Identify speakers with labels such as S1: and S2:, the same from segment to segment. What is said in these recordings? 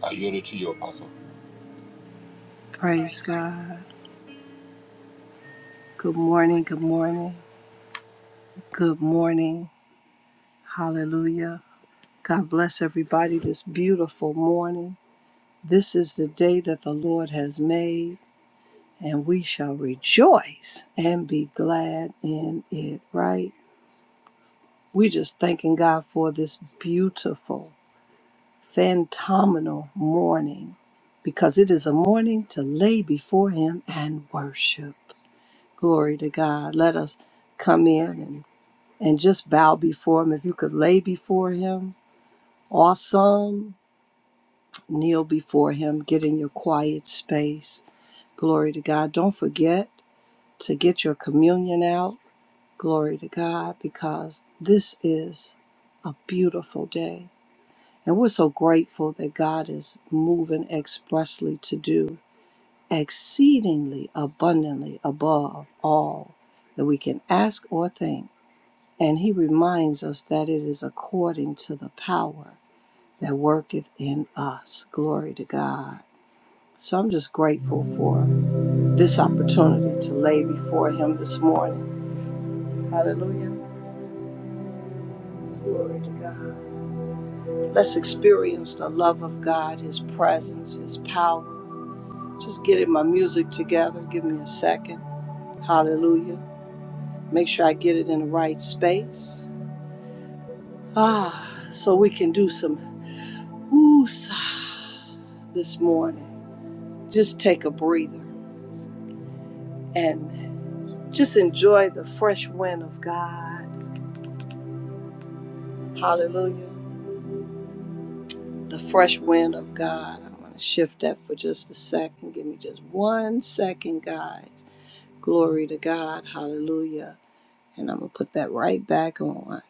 S1: I yield it to you, Apostle.
S2: Praise God. Good morning. Good morning. Good morning. Hallelujah. God bless everybody this beautiful morning. This is the day that the Lord has made, and we shall rejoice and be glad in it, right? We just thanking God for this beautiful, phenomenal morning because it is a morning to lay before Him and worship. Glory to God. Let us come in and. and just bow before him. If you could lay before him, awesome, kneel before him, get in your quiet space. Glory to God. Don't forget to get your communion out. Glory to God, because this is a beautiful day. And we're so grateful that God is moving expressly to do exceedingly abundantly above all that we can ask or think And he reminds us that it is according to the power that worketh in us. Glory to God. So I'm just grateful for this opportunity to lay before him this morning. Hallelujah. Glory to God. Let's experience the love of God, his presence, his power. Just getting my music together. Give me a second. Hallelujah. Make sure I get it in the right space. Ah, so we can do some woo this morning. just take a breather and just enjoy the fresh wind of God. Hallelujah. The fresh wind of God. I'm going to shift that for just a second. Give me just one second, guys. Glory to God. Hallelujah. And I'm going to put that right back on.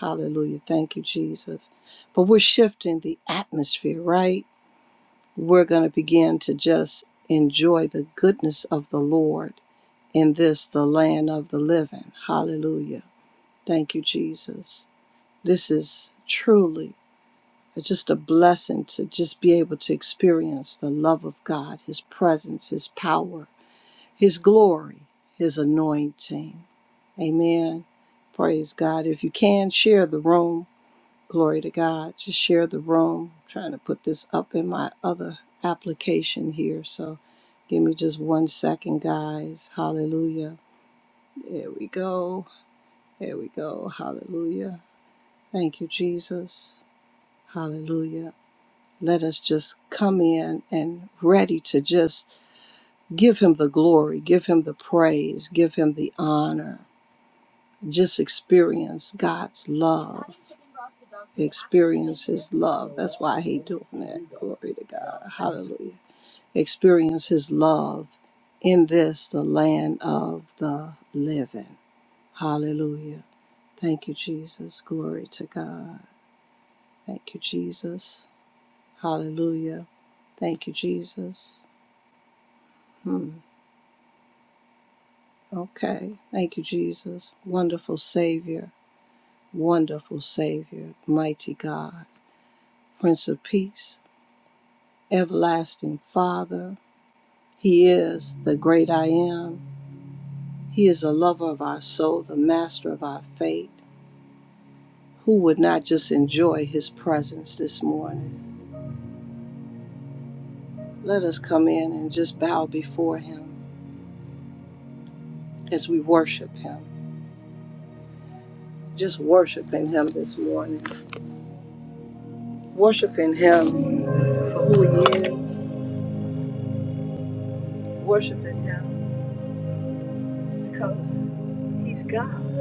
S2: Hallelujah. Thank you, Jesus. But we're shifting the atmosphere, right? We're going to begin to just enjoy the goodness of the Lord in this, the land of the living. Hallelujah. Thank you, Jesus. This is truly just a blessing to just be able to experience the love of God, His presence, His power, His glory, His anointing. Amen. Praise God. If you can, share the room. Glory to God. Just share the room. I'm trying to put this up in my other application here. So give me just one second, guys. Hallelujah. There we go. There we go. Hallelujah. Thank you, Jesus. Hallelujah. Let us just come in and ready to just give him the glory, give him the praise, give him the honor. Just experience God's love. Love. That's why I hate doing that. Glory to God. Hallelujah. Experience his love in this, the land of the living. Hallelujah. Thank you, Jesus. Glory to God. Thank you, Jesus. Hallelujah. Thank you, Jesus. Hmm. Okay. Thank you, Jesus. Wonderful Savior, wonderful Savior, mighty God, Prince of Peace, everlasting Father. He is the great I am. He is the lover of our soul, the master of our fate. Who would not just enjoy his presence this morning? Let us come in and just bow before him as we worship him. Just worshiping him this morning. Worshiping him for who he is. Worshiping him because He's God.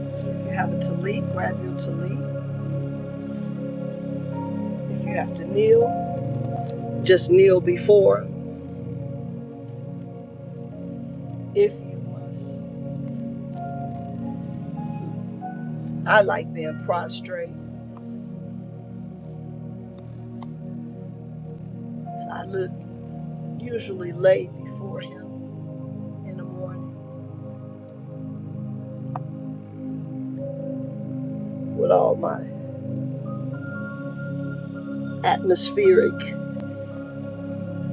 S2: If you have a talit, grab your talit. If you have to kneel, just kneel before if you must. I like being prostrate, so I look usually lay before him in the morning with all my atmospheric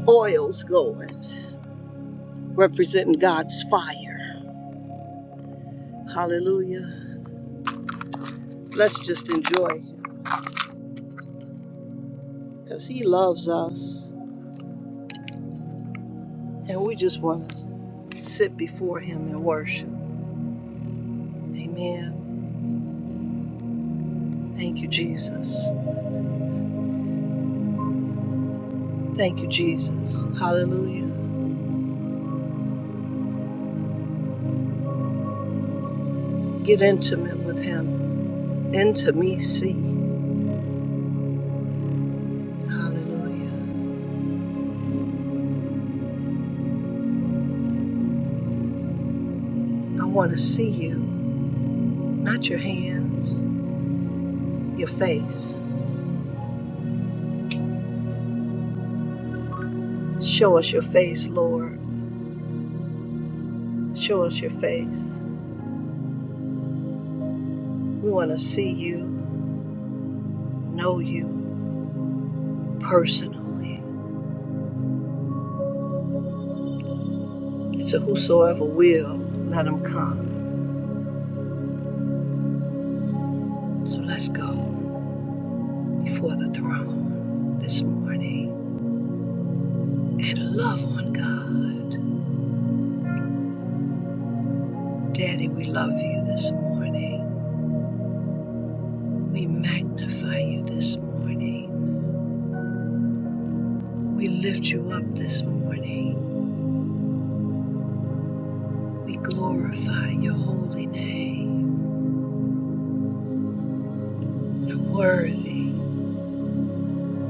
S2: oils going, representing God's fire. Hallelujah. Let's just enjoy him because he loves us and we just want to sit before him and worship. Amen. Thank you, Jesus. Thank you, Jesus. Hallelujah. Get intimate with Him. Intimacy. Hallelujah. I want to see you, not your hands, your face. Show us your face, Lord. Show us your face. We want to see you, know you personally. It's a whosoever will, let him come. So let's go before the throne this morning and love on God. Daddy, we love you this morning. We magnify you this morning. We lift you up this morning. We glorify your holy name. For worthy,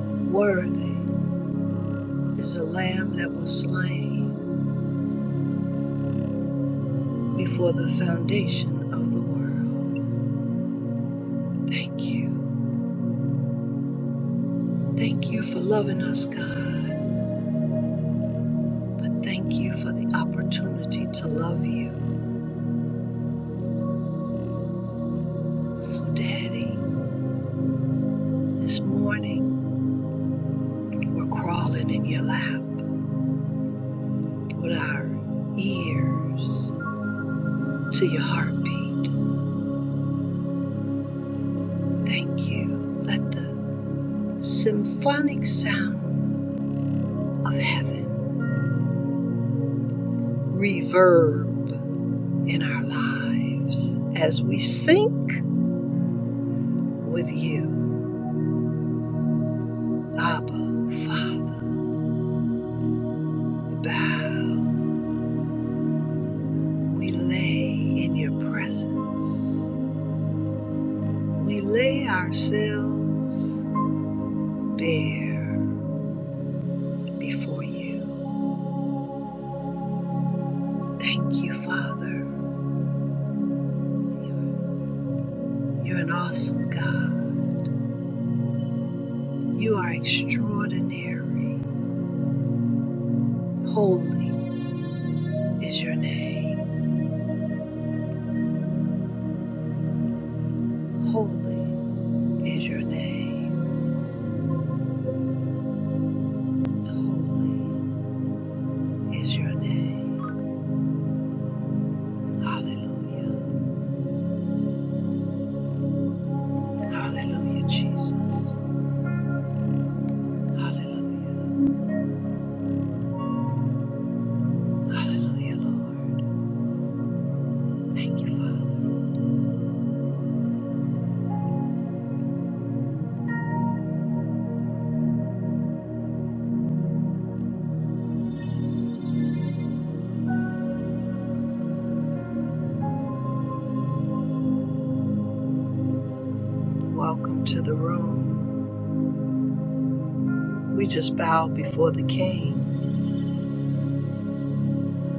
S2: worthy is the Lamb that was slain before the foundation of the world. Thank you. Thank you for loving us, God. But thank you for the opportunity to love you. So, Daddy, this morning we're crawling in your lap with our ears to your heartbeat. Thank you. Let the symphonic sound of heaven reverb in our lives as we sink with you, Abba, Father. We bow, we lay in your presence, we lay ourselves bare before you. Thank you, Father. You're an awesome God. You are extraordinary. Holy is your name. Holy is your name. Holy is your name. Hallelujah. Hallelujah, Jesus. Hallelujah. Hallelujah, Lord. Thank you, Father. Welcome to the room. We just bow before the King.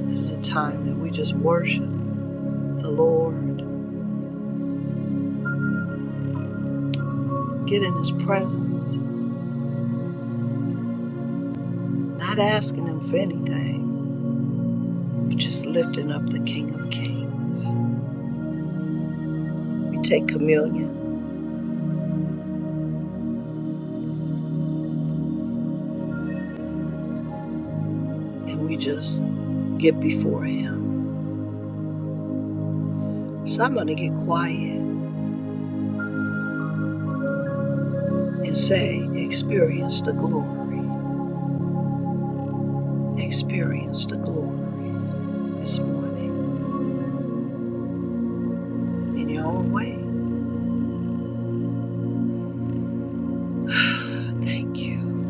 S2: This is a time that we just worship the Lord, get in His presence, not asking Him for anything, but just lifting up the King of Kings. We take communion. and we just get before Him. So I'm going to get quiet and say, experience the glory, experience the glory this morning in your own way. Thank you.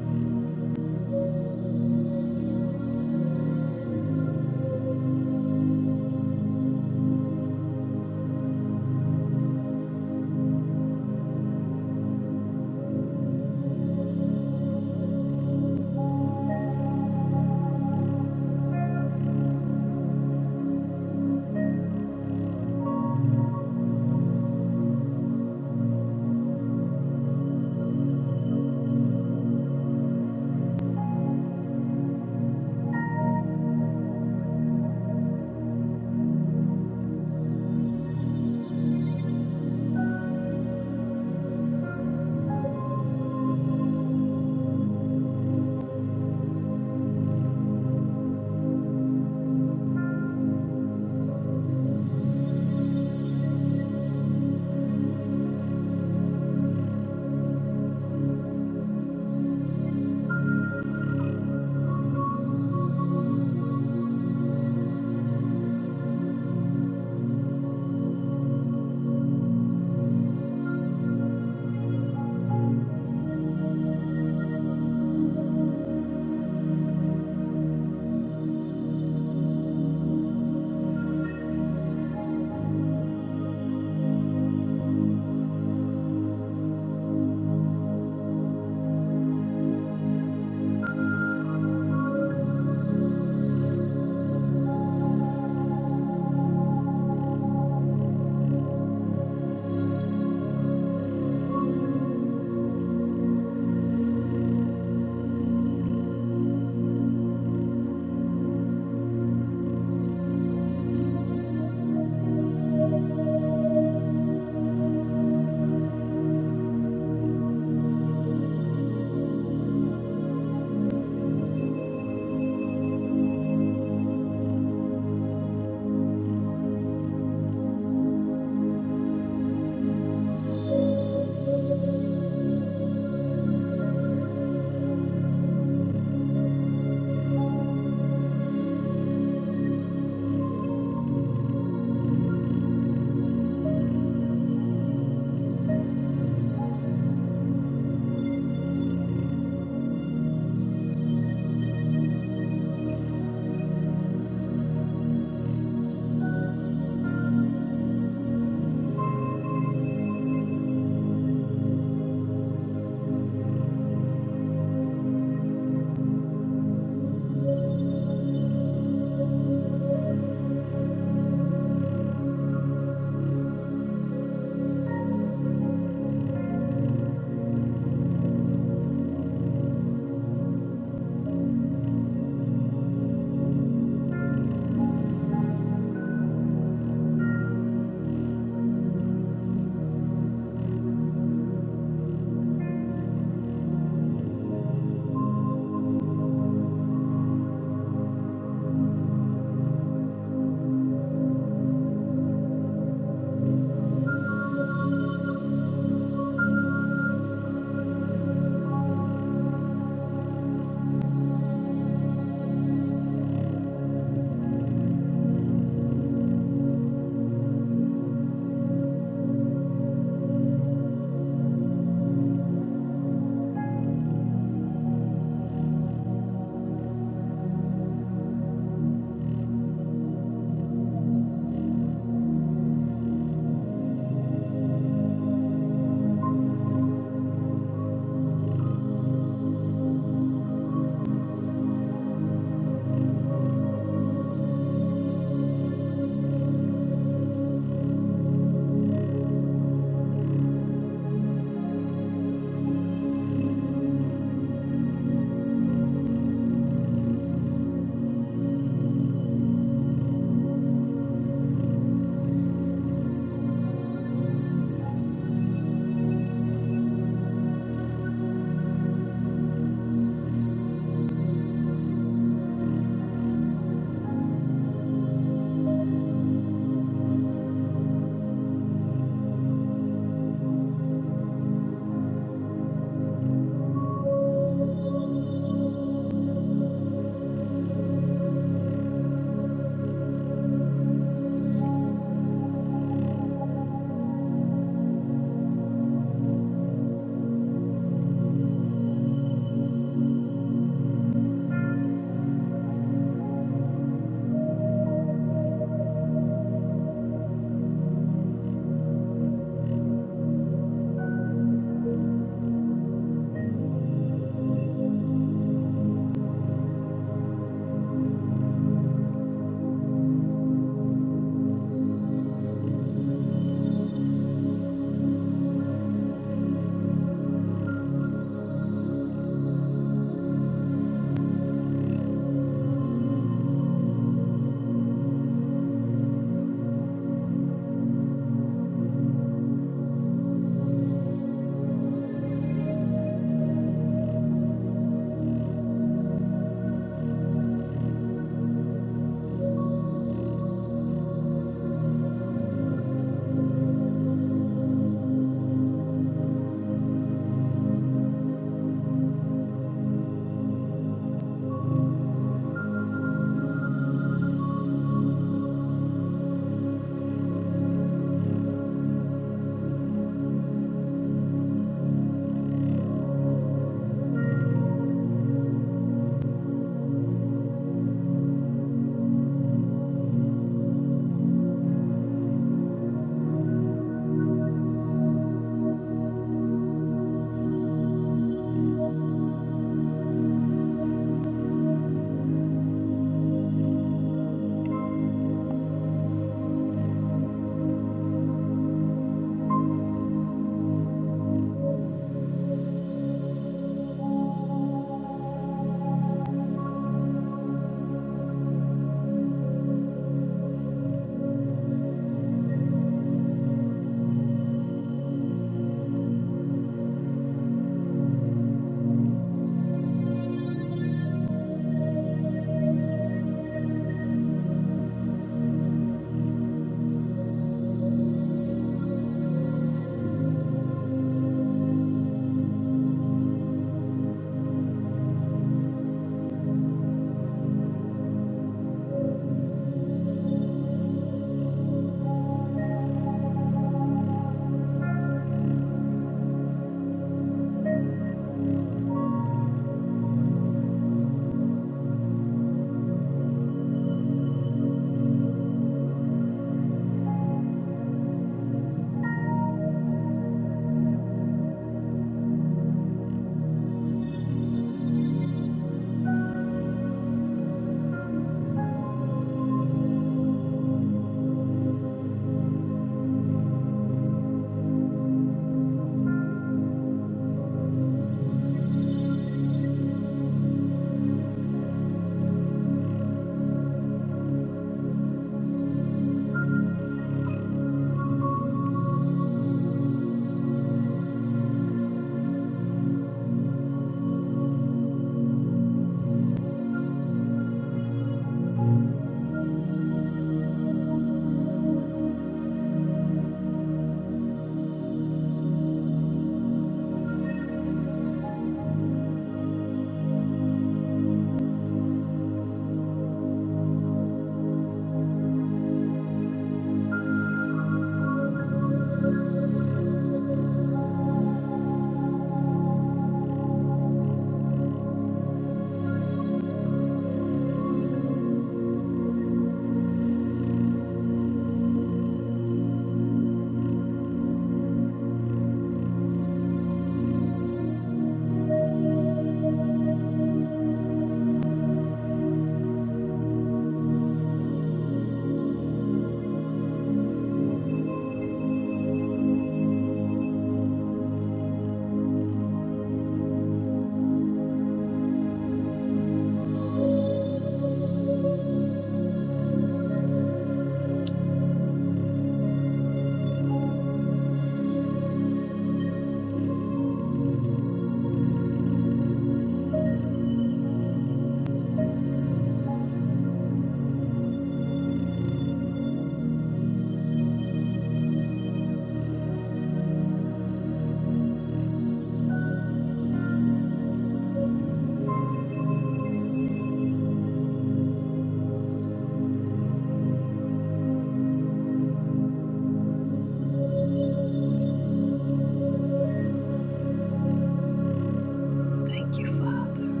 S2: Thank you, Father.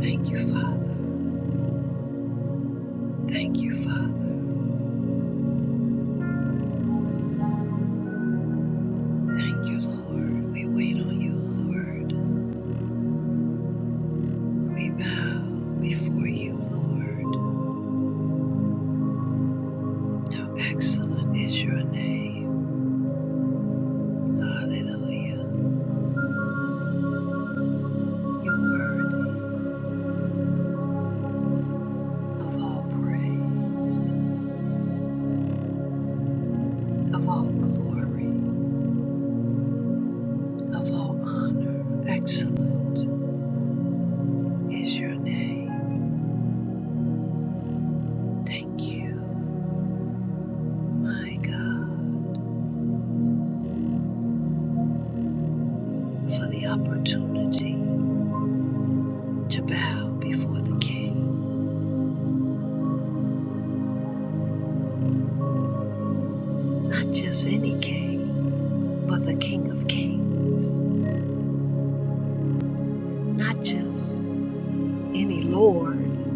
S2: Thank you, Father. Thank you, Father. Thank you, Lord. We wait on you, Lord. We bow before you, Lord. How excellent is your name. Hallelujah. You're worthy of all praise. of all glory, of all honor. Excellent is your name. Thank you, my God, for the opportunity to bow before the King. Not just any King, but the King of Kings. Not just any Lord,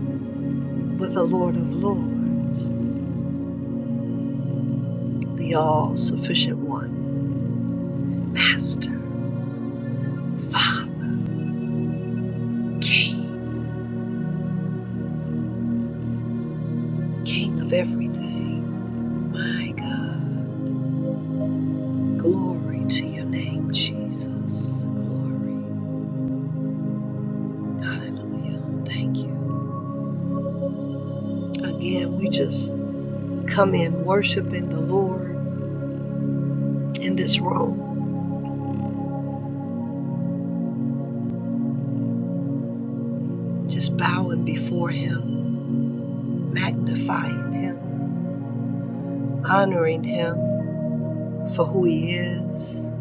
S2: but the Lord of Lords, the all sufficient one, Master, Father, King, King of everything. My God. Glory to your name, Jesus. Glory. Hallelujah. Thank you. Again, we just come in worshiping the Lord in this room, just bowing before Him, magnifying Him, honoring Him for who He is,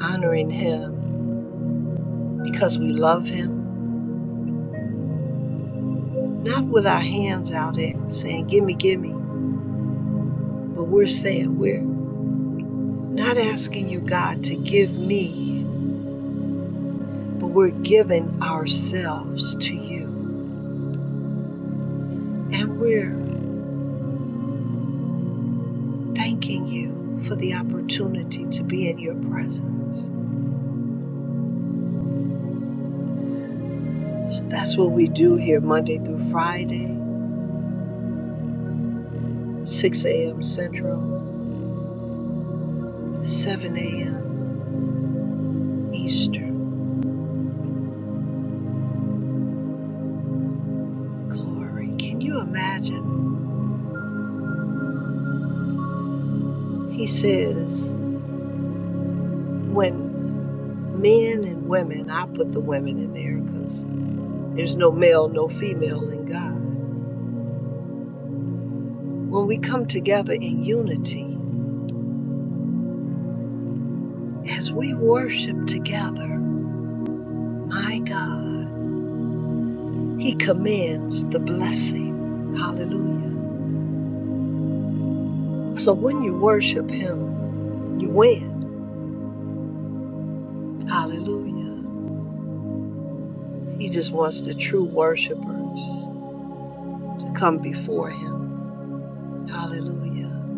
S2: honoring Him because we love Him. Not with our hands out at saying, Gimme, gimme, but we're saying, We're not asking you, God, to give me. but we're giving ourselves to you. And we're thanking you for the opportunity to be in your presence. So that's what we do here Monday through Friday, 6 a.m. Central, 7 a.m. Eastern. Glory. Can you imagine? He says, when men and women, I put the women in there because there's no male, no female in God. When we come together in unity, as we worship together, My God, He commands the blessing. Hallelujah. So when you worship Him, you win. Hallelujah. He just wants the true worshipers to come before Him. Hallelujah.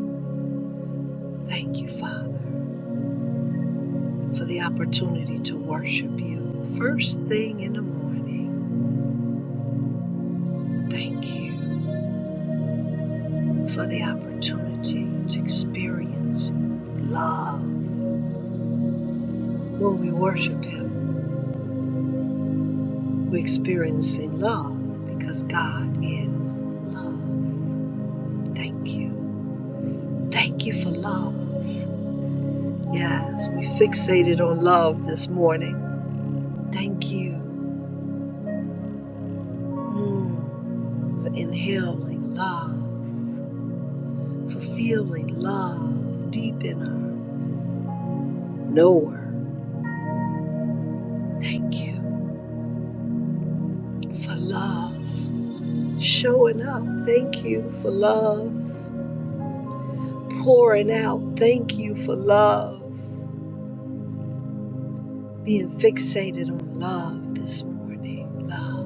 S2: Thank you, Father, for the opportunity to worship You. First thing in the morning, thank you for the opportunity to experience love when we worship Him. We're experiencing love because God is love. Thank you. Thank you for love. Yes, we fixated on love this morning. Thank you mm, for inhaling love, for feeling love deep in our knower. Thank you for love showing up. Thank you for love pouring out. Thank you for love. Being fixated on love this morning. Love,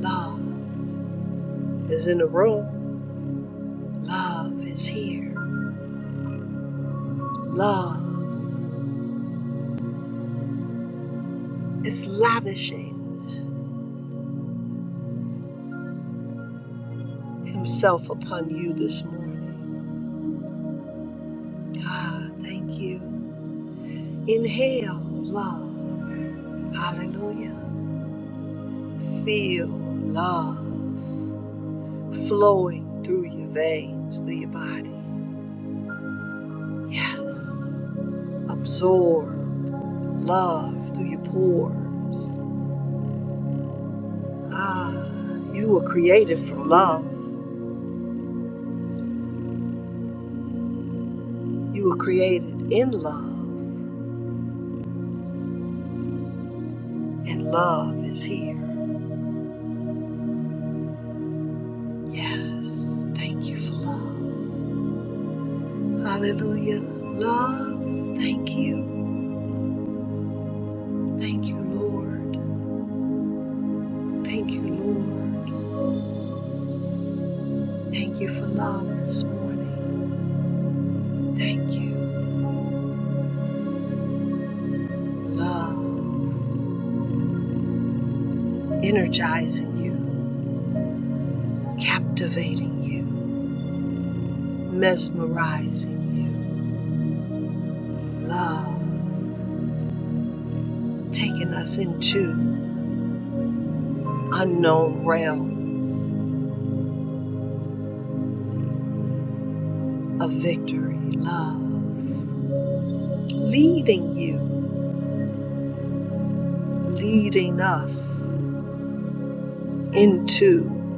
S2: love is in the room. Love is here. Love is lavishing himself upon you this morning. Ah, thank you. Inhale love. Hallelujah. Feel love flowing through your veins, through your body. Yes. Absorb love through your pores. Ah, you were created from love. You were created in love, and love is here. Yes, thank you for love. Hallelujah. Love, thank you. Thank you, Lord. Thank you, Lord. Thank you for love this morning. Thank you. Love, energizing you, captivating you, mesmerizing you. Love, taking us into unknown realms of victory, love, leading you, leading us into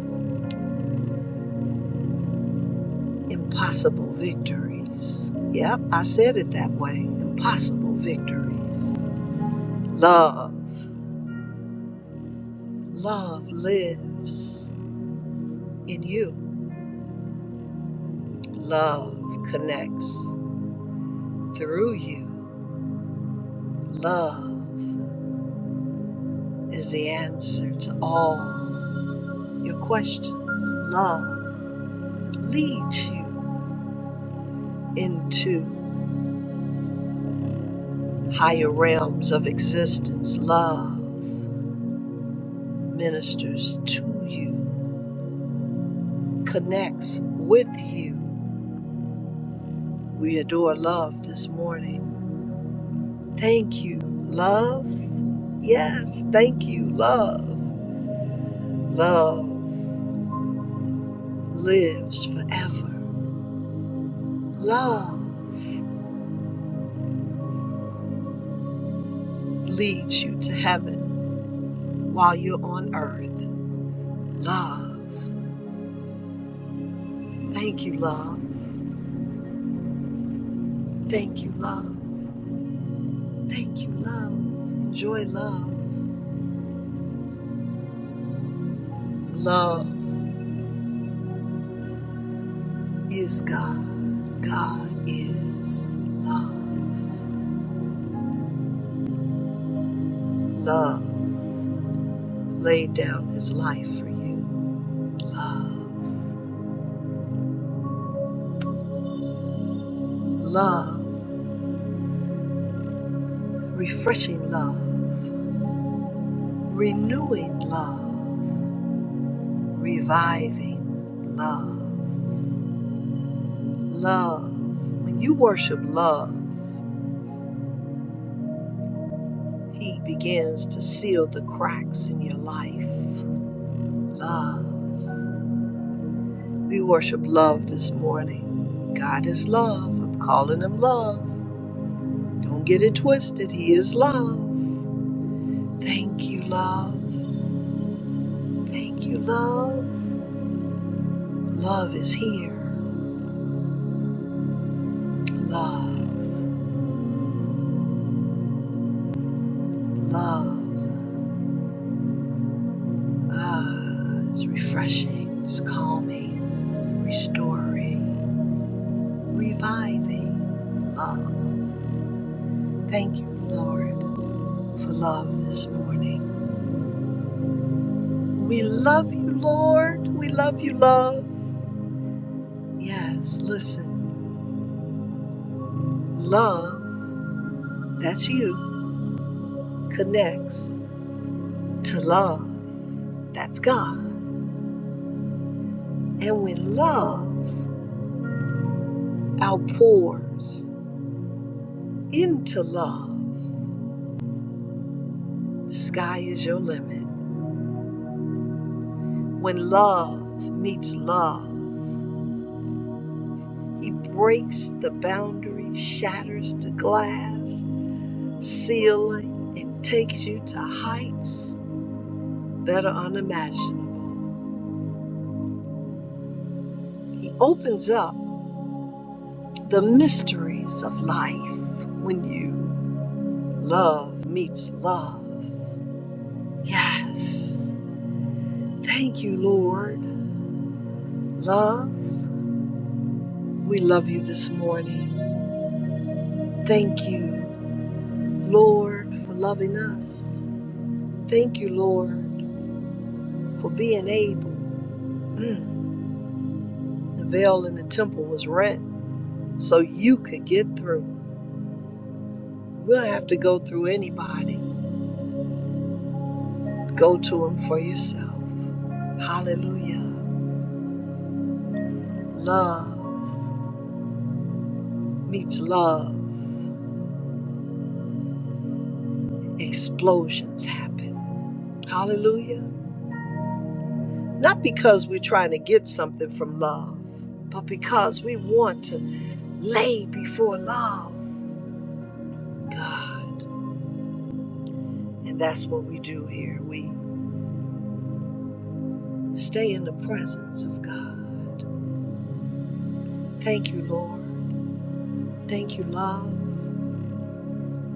S2: impossible victories. Yep, I said it that way impossible victories. Love, love lives in you, love connects through you. Love is the answer to all your questions. Love leads you into higher realms of existence. Love ministers to you, connects with you. We adore love this morning. Thank you, love. Yes, thank you, love. Love lives forever. Love leads you to heaven while you're on earth. Love. Thank you, love. Thank you, love. Thank you, love. Enjoy love. Love. is God. God is love. Love laid down his life for you. Love. Love. Refreshing love. Renewing love. Reviving love. Love. When you worship love, he begins to seal the cracks in your life. Love. We worship love this morning. God is love. I'm calling him love. Don't get it twisted. He is love. Thank you, love. Thank you, love. Love is here. Love, love. Ah, it's refreshing, it's calming, restoring, reviving. Love. Thank you, Lord, for love this morning. We love you, Lord. We love you, love. Yes, listen. Love, that's you, connects to love. That's God. And when love outpours into love, the sky is your limit. When love meets love, he breaks the boundary, shatters the glass, ceiling, and takes you to heights that are unimaginable. He opens up the mysteries of life when you love meets love. Yes. Thank you, Lord. Love. We love you this morning. Thank you, Lord, for loving us. Thank you, Lord, for being able. Mm, the veil in the temple was rent so you could get through. We'll have to go through anybody. Go to him for yourself. Hallelujah. Love meets love. Explosions happen. Hallelujah. Not because we're trying to get something from love, but because we want to. lay before love, God. And that's what we do here. We stay in the presence of God. Thank you, Lord. Thank you, love.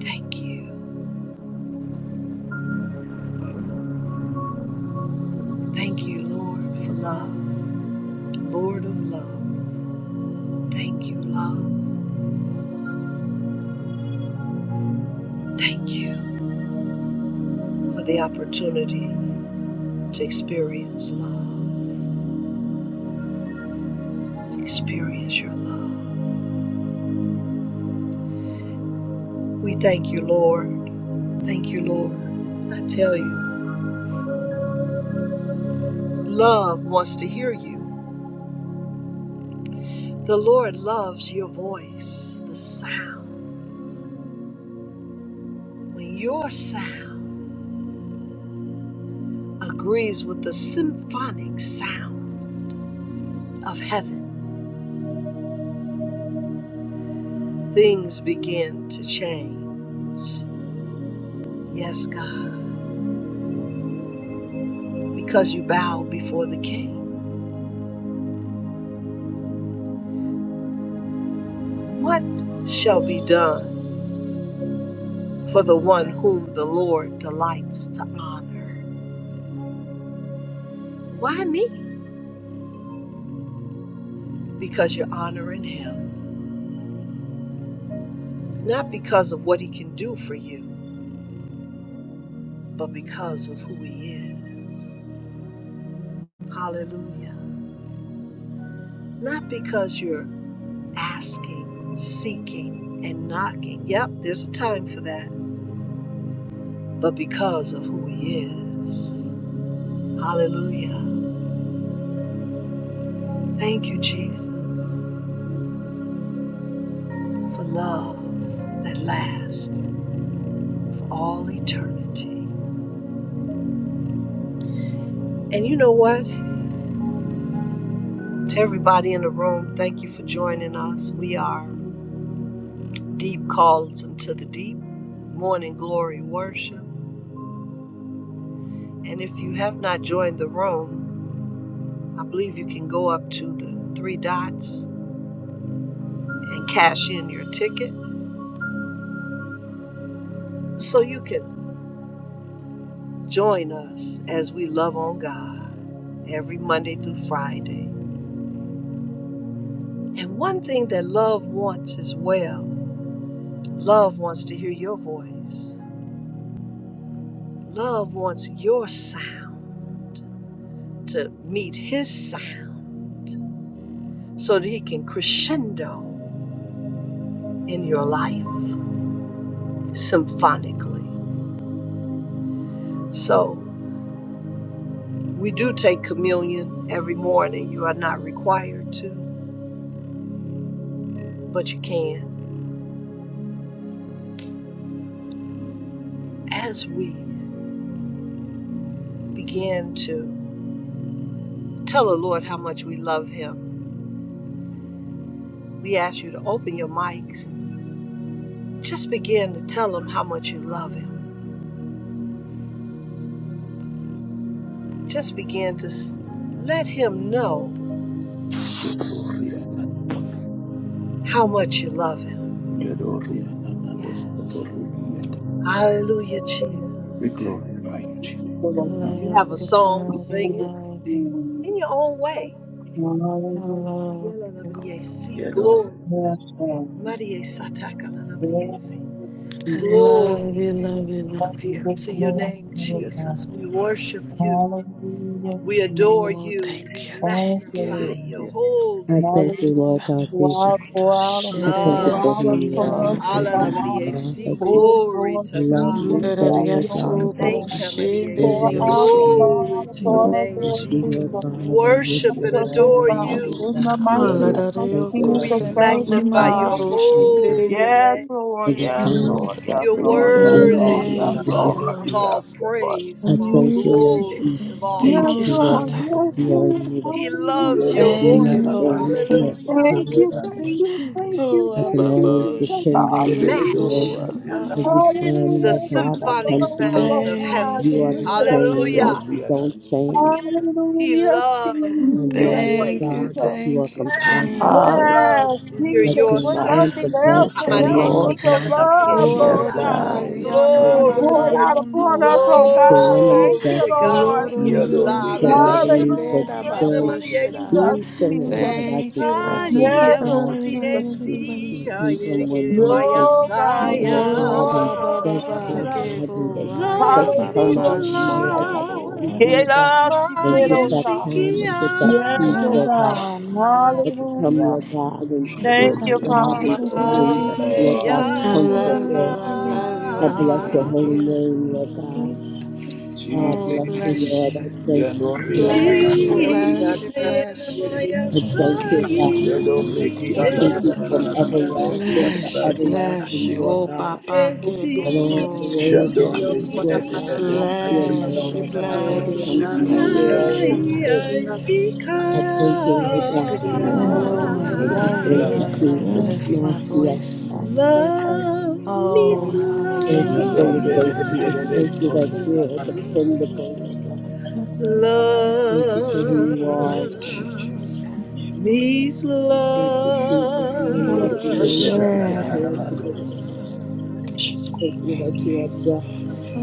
S2: Thank you. Thank you, Lord, for love. Lord of love. Thank you, love. Thank you for the opportunity to experience love, to experience your love. We thank you, Lord. Thank you, Lord. I tell you, love wants to hear you. The Lord loves your voice, the sound. When your sound agrees with the symphonic sound of heaven, things begin to change. Yes, God, because you bow before the King. What shall be done for the one whom the Lord delights to honor? Why me? Because you're honoring him, not because of what he can do for you, but because of who he is. Hallelujah. not because you're asking, seeking, and knocking. Yep, there's a time for that, but because of who He is. Hallelujah. Thank you, Jesus, for love that lasts for all eternity. And you know what? To everybody in the room, thank you for joining us. We are Deep Calls into the Deep, Morning Glory Worship. And if you have not joined the room, I believe you can go up to the three dots and cash in your ticket so you can join us as we love on God every Monday through Friday. And one thing that love wants as well love wants to hear your voice, love wants your sound to meet his sound so that he can crescendo in your life symphonically. So, We do take communion every morning. You are not required to, but you can. As we begin to tell the Lord how much we love Him, we ask you to open your mics. Just begin to tell Him how much you love Him. Just begin to let Him know how much you love Him. Yes. Hallelujah,
S3: love you.
S1: We
S2: Jesus.
S1: glorify you, Jesus.
S3: I
S4: Hallelujah,
S2: If you
S3: love
S2: have a
S3: you,
S2: song,
S3: love you,
S2: sing
S4: Jesus.
S2: it
S3: love you.
S2: in your own way.
S3: I love you.
S2: Glory.
S3: I love you,
S2: Glory
S3: love you, love you.
S4: Thank
S2: to
S4: you,
S2: your
S4: Lord.
S2: name, Jesus. We worship you.
S4: Hallelujah.
S2: We adore
S3: Oh,
S2: you.
S3: thank
S2: We
S3: you, thank you.
S2: magnify your
S5: I
S2: holy name.
S5: thank you, Lord God
S3: Baba
S4: Pour
S5: Jesus.
S4: out,
S3: Soto
S4: pour out,
S5: I
S3: shere
S5: thank
S3: de
S5: you
S4: pour
S6: Hallelujah.
S2: Love.
S5: for who
S4: out
S5: you
S3: asunda
S6: Yes,
S4: upon
S5: are. I
S4: us,
S3: na
S6: God.
S4: O
S5: Thank you,
S3: teta.
S5: Lord
S4: God.
S2: Hallelujah.
S5: God,
S2: See
S5: that you
S4: Oh,
S2: glory
S4: Lord
S2: to
S5: love
S4: Jesus,
S5: me
S3: Nunda
S2: God.
S5: so,
S3: da de
S4: have
S5: Lord
S4: your way,
S5: God,
S4: God.
S5: that
S3: asoko
S2: Thank
S5: you
S2: you,
S3: shinde
S2: Maria.
S5: there's
S3: de
S4: Pour
S5: a
S2: See
S5: life
S4: out
S5: for
S3: yosu.
S5: me.
S2: glory
S4: upon us,
S2: to
S6: Yes,
S2: your
S4: upon us,
S2: name,
S5: That
S4: Lord
S6: God.
S5: you, Lord
S4: Jesus.
S2: Jesus.
S5: God,
S2: We
S5: are with
S2: worship
S4: Help
S5: you
S2: and
S4: us, O
S2: adore
S6: Yes,
S4: God.
S6: God.
S5: always, Lord
S4: In
S2: you.
S4: the
S5: God.
S4: mighty
S3: Hala
S4: name
S3: da
S4: of
S3: de
S5: Thank you,
S3: yoko
S5: Lord
S2: We
S4: Jesus,
S5: God,
S3: semba
S5: for
S4: thank
S6: We
S4: you,
S3: mama
S2: magnify
S5: your
S3: da
S4: God.
S6: love
S2: your
S3: bo
S5: faithfulness,
S3: shinde
S5: Lord God,
S3: de
S2: holy
S4: Yes,
S2: name.
S3: yasi.
S5: for
S4: Lord.
S5: your
S6: you. I
S4: Yes,
S6: need you. We love you,
S4: Lord.
S5: kindness,
S4: Yes,
S2: You're
S5: for
S4: Lord. Yes,
S5: your
S3: Mm,
S5: mercy,
S2: worthy
S4: Lord.
S6: Lord.
S5: for
S4: Yes,
S6: Yes,
S5: your
S3: Thank you,
S5: grace.
S6: God.
S4: Lord.
S2: of
S3: Lord.
S2: all
S4: Yes, Lord.
S2: praise,
S5: I
S2: of all
S5: thank you, Lord
S6: Hallelujah.
S2: glory, of
S5: Jesus, for
S2: all
S5: who
S4: Yes,
S3: Thank you,
S5: you
S2: honor.
S5: are,
S4: Lord.
S3: Father.
S5: that
S4: Yes,
S5: you are in
S4: Lord.
S5: need of.
S2: He loves
S5: You
S4: Hallelujah.
S2: your
S5: do
S3: Thank you,
S5: not
S4: Jesus.
S2: voice.
S6: Hallelujah.
S5: surely
S3: Lord.
S5: be at the
S2: Hallelujah.
S4: Thank
S2: We're
S5: kingdom
S4: you.
S5: of
S4: Thank
S5: God.
S4: you. Thank
S2: sinking.
S4: you.
S5: I
S3: Oh,
S5: can
S4: Thank
S3: Abba,
S4: you.
S5: always
S3: Bo,
S4: Jesus.
S5: depend on
S3: Shede,
S5: you. I
S4: Hallelujah.
S5: know
S2: Match
S3: Baso,
S5: that
S3: Abba.
S5: every time,
S2: the
S5: Lord
S4: Hallelujah.
S5: God, I
S4: Your
S5: come
S2: symphonic
S5: to
S4: love,
S5: you,
S2: sound
S4: oh
S5: that
S2: of
S4: God,
S3: Thank
S4: to
S5: you are
S2: heaven.
S4: lift
S5: the
S4: it
S3: you.
S4: up, oh
S5: same, that
S2: Hallelujah.
S4: God.
S5: you don't change.
S2: He
S4: Hallelujah.
S2: loves
S5: I
S2: your
S5: know,
S4: Jesus.
S5: Lord
S3: Thank you.
S5: God,
S2: voice.
S5: that
S4: Jesus.
S5: you are
S3: Thank you.
S1: Jesus.
S3: Thank
S5: compassionate,
S2: He
S5: Lord
S3: you.
S5: God,
S2: loves
S4: Yes,
S2: to hear
S5: that
S4: Jesus.
S2: your
S6: Yes,
S4: When
S5: you
S6: God.
S5: want
S4: nothing
S5: the
S2: sound.
S4: else
S5: best
S6: Bless
S4: can
S5: for
S6: your
S4: help it
S5: me,
S6: Lord.
S4: with
S5: Lord
S4: your
S5: God, and for
S4: love,
S5: this,
S3: Oh,
S5: Lord
S4: Lord
S3: Abba,
S6: Yes,
S2: Amariesikadadabariesata.
S4: God.
S5: God,
S6: God.
S3: Baba,
S5: I
S6: We
S5: am
S4: that
S3: Yamama,
S5: extremely
S2: Glory to
S4: poured out
S5: grateful
S2: Yesi.
S4: upon
S3: Namuno,
S4: us, oh
S5: for
S6: love
S4: God.
S3: Ayapa.
S5: winning the
S4: Thank
S2: Glory
S4: you,
S2: to
S5: best part
S2: God.
S5: of
S4: Lord.
S5: my life,
S2: Mariesa.
S6: you.
S5: for
S2: La
S3: Lorororoko,
S2: la la
S5: loving me,
S2: Yesi.
S5: for
S3: Shede,
S4: Hallelujah,
S5: being
S3: Ababo, Sheda.
S6: Yeah.
S2: Kididamariesa.
S4: Jesus,
S5: being someone
S4: Jesus.
S5: that I
S3: Thank
S5: can
S3: you,
S5: come
S3: Lord.
S5: to, Lord
S4: Yes,
S2: Maria,
S4: oh
S5: God, and
S2: Maria,
S4: Jesus.
S5: and
S2: Sia,
S5: even when
S2: Yerikere
S5: I'm just,
S4: Oh God,
S5: Lord
S2: Saya.
S5: God, and
S3: Oh, Abba,
S4: Lord,
S5: thank you,
S4: listen
S3: Baba,
S5: Lord
S4: up.
S5: God, and
S3: Gebo,
S5: every such
S2: Love
S3: Ayaba,
S2: means
S3: Baba,
S4: Hallelujah,
S5: turmoil in my life,
S4: Jesus.
S5: I can come
S2: love,
S3: Shedabo.
S5: to you,
S4: Get
S5: God,
S4: up,
S5: and get
S2: Maya
S5: that
S4: Chiquerosa.
S5: calm and get
S2: Sikia,
S5: that
S4: Yes,
S5: peace,
S4: oh
S5: Lord God.
S4: God.
S5: I can come,
S4: Hallelujah.
S5: Lord God, and
S4: Thank
S5: Lord
S4: you,
S5: God, and
S4: Father.
S5: find,
S4: Yes,
S2: Maya
S5: Lord
S4: Lord.
S5: God,
S3: I
S5: comfort,
S2: love.
S3: love you.
S5: Lord.
S3: I love you.
S5: I
S3: I
S5: bless your
S3: love
S5: holy
S3: you.
S5: name, Lord God. God
S3: Oh,
S5: bless you,
S1: Jesus.
S3: bless you,
S5: Lord. I thank you for
S1: Yadori
S5: who you
S3: bless
S5: are,
S3: you,
S5: Lord
S1: Adanadia.
S3: bless you,
S5: Jesus.
S7: Orilassa
S2: Ika
S3: bless you,
S7: Yerri
S2: Maya
S5: I thank you, God.
S1: Yadoriki
S5: I thank you
S7: Orilassa
S5: from
S2: Saya.
S1: Adanadanananananadori
S5: everlasting to
S3: bless you,
S1: Adanadia.
S5: everlasting,
S3: bless you.
S5: you are
S3: Oh,
S5: God.
S3: Papa,
S2: Yes,
S3: que
S5: Lord, the
S3: poco.
S2: he.
S5: word that
S7: Orillo
S1: Shadoriki
S5: you, Lord
S1: Ede
S7: Konamana
S5: God,
S1: Ede
S5: not
S1: Sede
S5: been there,
S3: Bless
S1: Adori
S3: you,
S5: Lord God, when I
S3: bless
S5: come
S3: you,
S7: Orilla
S5: to
S1: Adanadananadori
S5: you, you're
S7: Tiru
S1: Adanadia.
S3: bless you.
S2: Ay,
S5: always
S2: ay,
S5: there.
S2: Sika.
S5: I thank you, Lord God.
S3: Oh, I
S5: I
S3: love
S1: Yadori
S3: you
S5: thank you,
S1: Adanadia.
S3: and I
S6: Yeah.
S5: Jesus.
S3: lift my
S5: Mercy of God.
S3: voice.
S2: Love
S3: Oh,
S2: meets
S5: Thank you
S2: love.
S5: for your
S1: Yadori
S6: Yeah.
S1: Ede
S3: hallelujah.
S1: Ede Ede
S5: faithfulness.
S1: Ede
S5: Thank you that
S1: Sori
S5: you are
S1: Adanadio.
S5: dependable, Lord God. Thank you for who
S2: Love
S5: you
S3: My
S5: are, Lord.
S3: children standing before you.
S2: meets love.
S5: Thank you, Jesus. None
S3: Oh,
S5: like you, none
S1: Yadori
S3: bless
S1: Ede
S3: you.
S5: that you
S6: Yeah.
S5: compare to
S1: Adanadanananananananananananananananananananadio.
S5: you.
S3: This is so
S5: Thank you
S3: great.
S5: that you are God.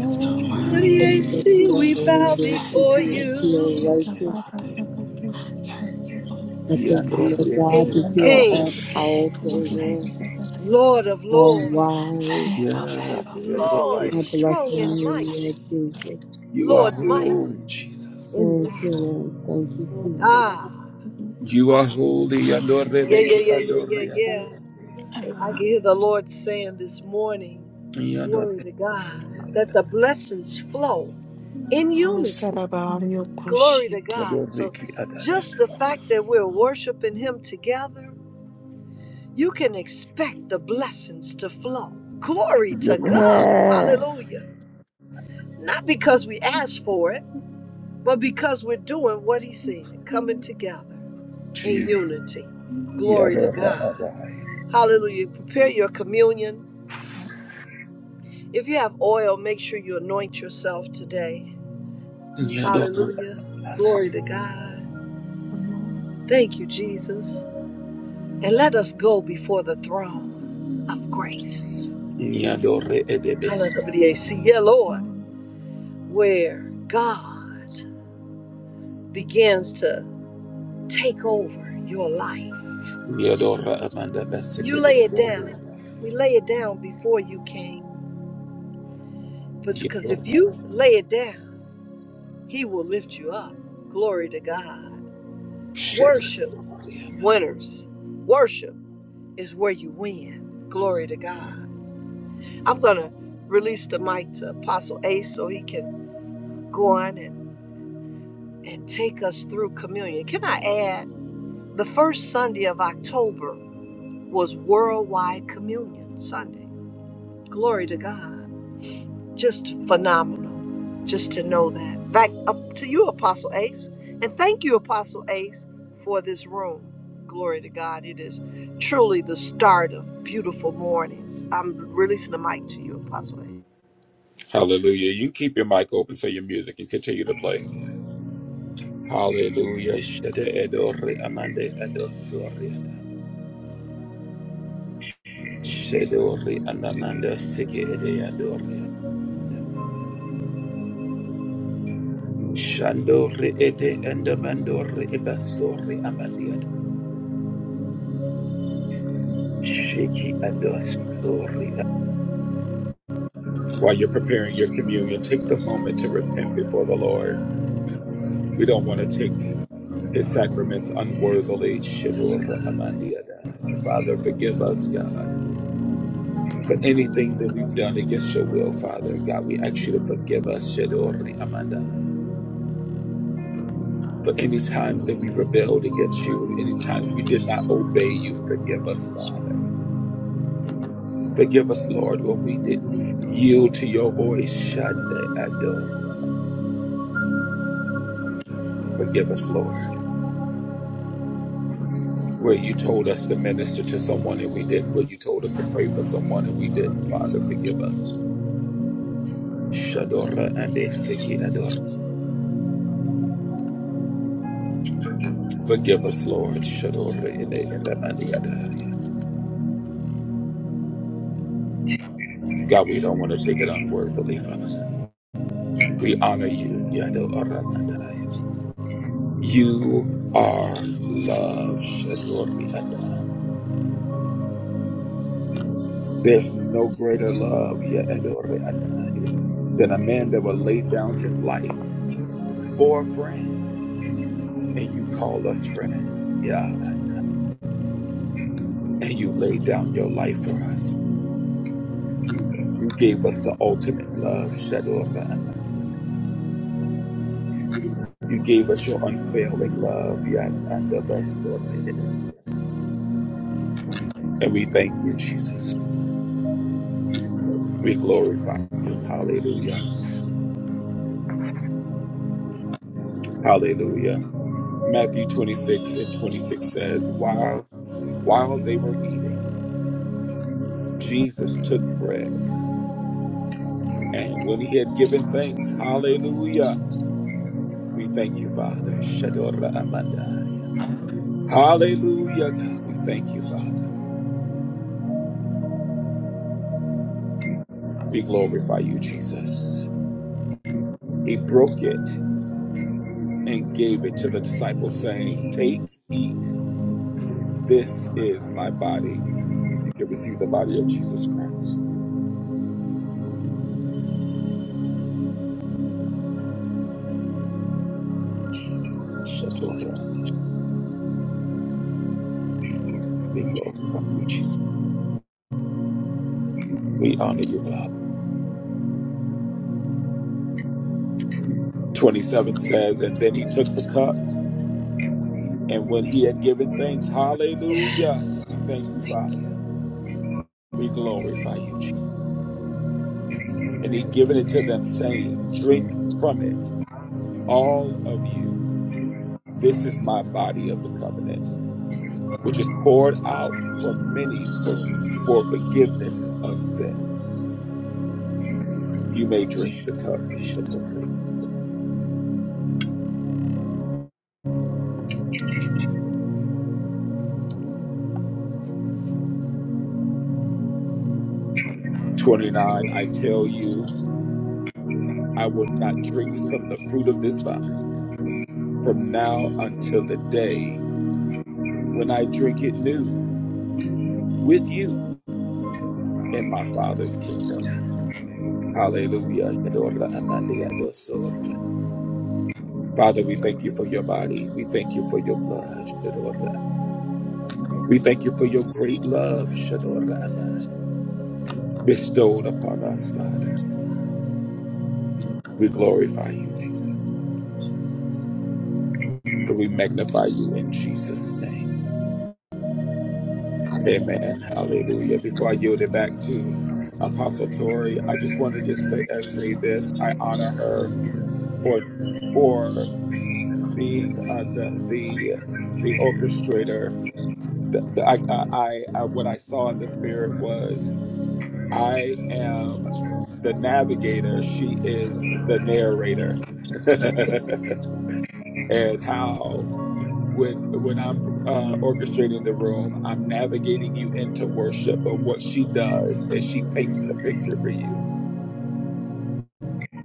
S3: You're so
S2: Lord,
S5: Thank
S3: worthy.
S5: you
S2: yes,
S5: that
S1: Jesus.
S5: you
S2: see,
S5: are
S2: we
S5: holy.
S2: bow
S5: Lord. Thank
S2: before
S5: you that you are
S2: you.
S3: Thank
S6: it's
S3: you,
S6: about
S5: righteous.
S6: to happen.
S3: Father.
S5: I thank you, Lord God,
S1: Yadoriki
S2: King
S5: that
S2: of
S5: you
S1: Adaba.
S5: are all
S3: Perfect.
S2: kings,
S5: powerful, Lord,
S2: Lord of
S5: all
S2: lords,
S5: wise.
S3: Favor, favor,
S1: Yes, Yadori.
S2: Lord
S5: I bless
S2: strong
S5: your
S2: and
S5: name, Lord
S2: mighty,
S5: Jesus.
S1: you are
S2: Lord
S1: holy,
S2: mighty
S1: Jesus.
S2: in
S5: Thank you,
S2: battle.
S5: Lord. Thank you, Jesus.
S2: Ah,
S1: You
S2: I
S1: are
S2: could,
S1: holy. Yadore
S2: yeah, yeah,
S1: beki
S2: yeah, yeah, yeah,
S1: adore
S2: yeah. I can
S3: favor.
S2: hear the Lord saying this morning, glory
S1: yadore
S2: to God, that the blessings flow in
S3: Oh,
S2: unity.
S3: Sarabari
S2: Glory to
S3: Okushite.
S2: God.
S1: yadore
S2: So
S1: ki adada.
S2: just the fact that we're worshiping Him together you can expect the blessings to flow. Glory to
S1: Yokore
S2: God. Hallelujah. Not because we asked for it, but because we're doing what He said, coming together in
S1: chi
S2: unity. Glory to
S1: yadora
S2: God.
S1: adai.
S2: Hallelujah. Prepare your communion. If you have oil, make sure you anoint yourself today.
S1: Yadore
S2: Hallelujah.
S1: adas.
S2: Glory to God. Thank you, Jesus. And let us go before the throne of grace.
S1: Yadore edebes.
S2: Hallelujah. See, yeah, Lord. where God begins to take over your life.
S1: Yadora amanda
S2: You
S1: basike
S2: lay it
S1: yadore.
S2: down. We lay it down before you came. Because if
S1: Yadora
S2: you lay it down, He will lift you up. Glory to God.
S1: shadi
S2: Worship
S1: yadore.
S2: winners. Worship is where you win. Glory to God. I'm going to release the mic to Apostle Ace so he can go on and, and take us through communion. Can I add the first Sunday of October? was Worldwide Communion Sunday. Glory to God. Just phenomenal. Just to know that. Back up to you, Apostle Ace. And thank you, Apostle Ace, for this room. Glory to God. It is truly the start of beautiful mornings. I'm releasing the mic to you, Apostle Ace.
S1: Hallelujah. You keep your mic open so your music can continue to play. Hallelujah. Shadi edore amanda adosore. Shedori anamanda seke ede yadori. Shandori ede andamandori ebasori amandiad. Sheki andosori. While you're preparing your communion, take the moment to repent before the
S2: Yes,
S1: Lord.
S2: God.
S1: We don't want to take his sacraments unworthily.
S2: Yes,
S1: Shedori
S2: God.
S1: amandiada. Father, forgive us, God. For anything that we've done against your will, Father, God, we ask you to forgive us. Shedori amandai. for any times that we rebelled against you, any times we did not obey you, forgive us, Father. Forgive us, Lord, when we didn't yield to your voice, Shande Ador. Forgive us, Lord, where you told us to minister to someone and we didn't, where you told us to pray for someone and we didn't, Father, forgive us. Shadora and Seki Ador. Forgive us, Lord. Shadora and Mandi Ador. God, we don't want to take it unworthily, Father. We honor you, Yado Aramanda. You are love. Shadori Adai. There's no greater love yeah, Adori Adai, than a man that will lay down his life for a friend. And you call us friend. Yeah. And you laid down your life for us. You gave us the ultimate love. Shadori Adai. You gave us your unfailing love. yeah, Adabasori Adai. And we thank you, Jesus. We glorify you. Hallelujah. Hallelujah. Matthew 26 and 26 says, while, while they were eating, Jesus took bread. And when he had given thanks, hallelujah, we thank you, Father. Shadora Amanda. Hallelujah, God. We thank you, Father. We glorify you, Jesus. He broke it and gave it to the disciples, saying, Take, eat. This is my body. You can receive the body of Jesus Christ. Shadora Amanda. We glorify you, Jesus. We honor you, Father. 27 says, And then he took the cup, and when he had given thanks, hallelujah, we thank you, Father. We glorify you, Jesus. And he given it to them, saying, Drink from it, all of you. This is my body of the covenant, which is poured out for many for, for forgiveness of sins. You may drink the cup. 29, I tell you, I will not drink from the fruit of this vine from now until the day when I drink it new with you in my Father's kingdom. Hallelujah. Yadora amande adosor. Father, we thank you for your body. We thank you for your blood. Shadora. We thank you for your great love, Shadora amai, bestowed upon us, Father.
S2: Yes.
S1: We glorify you, Jesus. We magnify you in Jesus' name. Amen. Hallelujah. Before I yield it back to Apostle Tori, I just want to just say, uh, say this. I honor her for for being uh, the the the orchestrator, the, the, I, I, I what I saw in the spirit was I am the navigator. She is the narrator, and how when when I'm uh, orchestrating the room, I'm navigating you into worship. But what she does is she paints the picture for you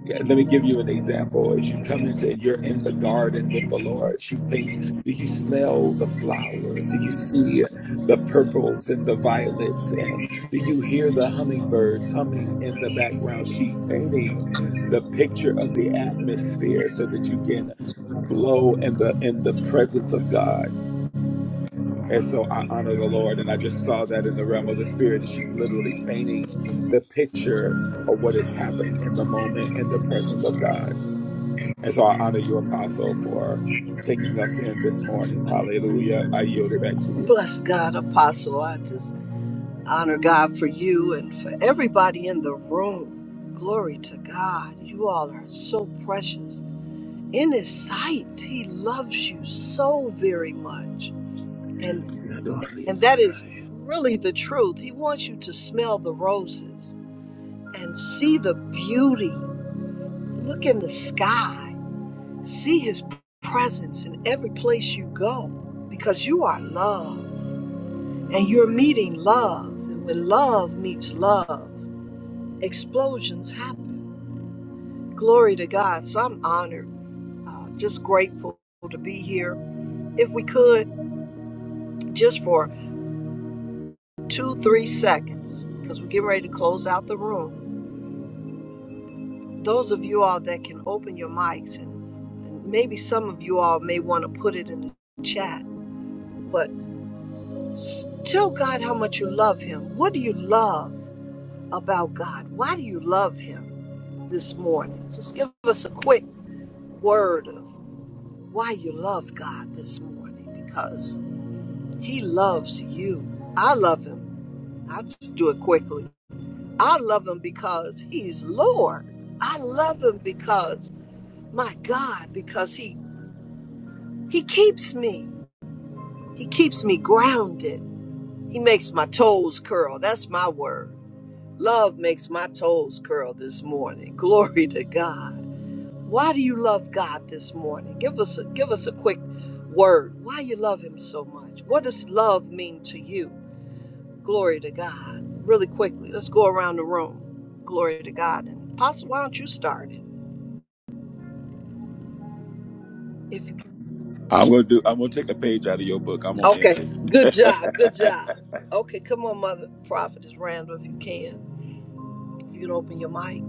S1: Yeah, let me give you an example. As you come into and you're in the garden with the Lord, she paints. Do you smell the flowers? Do you see the purples and the violets? And do you hear the hummingbirds humming in the background? She's painting the picture of the atmosphere so that you can flow in the in the presence of God. And so I honor the Lord, and I just saw that in the realm of the spirit. And she's literally painting the picture of what is happening in the moment in the presence of God. And so I honor you, Apostle, for taking us in this morning. Hallelujah. I yield it back to you.
S2: Bless God, Apostle. I just honor God for you and for everybody in the room. Glory to God. You all are so precious. In his sight, he loves you so very much. And and that is really the truth. He wants you to smell the roses and see the beauty. Look in the sky. See his presence in every place you go because you are loved And you're meeting love. And when love meets love, explosions happen. Glory to God. So I'm honored, uh, just grateful to be here. If we could, just for two, three seconds, because we're getting ready to close out the room. Those of you all that can open your mics, and maybe some of you all may want to put it in the chat, but tell God how much you love Him. What do you love about God? Why do you love Him? this morning. Just give us a quick word of why you love God this morning because He loves you. I love Him. I'll just do it quickly. I love Him because He's Lord. I love Him because, my God, because He He keeps me. He keeps me grounded. He makes my toes curl. That's my word. Love makes my toes curl this morning. Glory to God. Why do you love God this morning? Give us a, give us a quick word. Why you love Him so much? What does love mean to you? Glory to God. Really quickly, let's go around the room. Glory to God. And Apostle, why don't you start it? If you can?
S1: I'm gonna do. I'm gonna take a page out of your book. I'm gonna
S2: okay,
S1: end it.
S2: good job, good job. Okay, come on, Mother Prophetess Randall, if you can. If you can open your mic,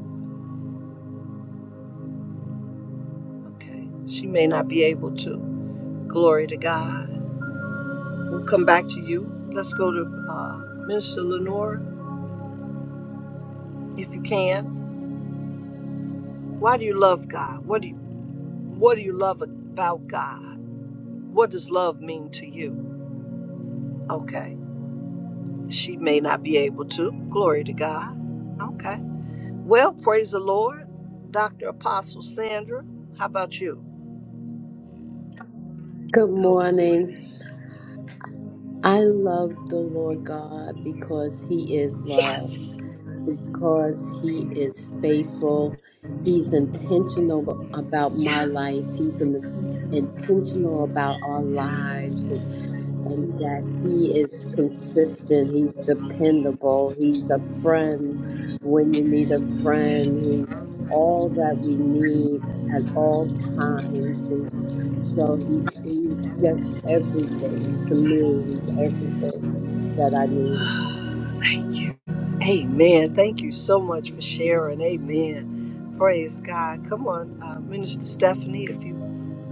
S2: okay. She may not be able to. Glory to God. We'll come back to you. Let's go to uh, Minister Lenore, if you can. Why do you love God? What do you what do you love about God? What does love mean to you? Okay. She may not be able to. Glory to God. Okay. Well, praise the Lord. Dr. Apostle Sandra, how about you?
S5: Good
S2: Good
S5: morning.
S2: morning.
S5: I love the Lord God because He is love.
S2: Yes.
S5: because he is faithful. He's intentional about my
S2: Yes.
S5: life. He's in- intentional about our lives and, and that he is consistent. He's dependable. He's a friend when you need a friend. He's all that we need at all times. And so he, he's just everything to me. He's everything that I need.
S2: Amen. Thank you so much for sharing. Amen. Praise God. Come on, uh, Minister Stephanie, if you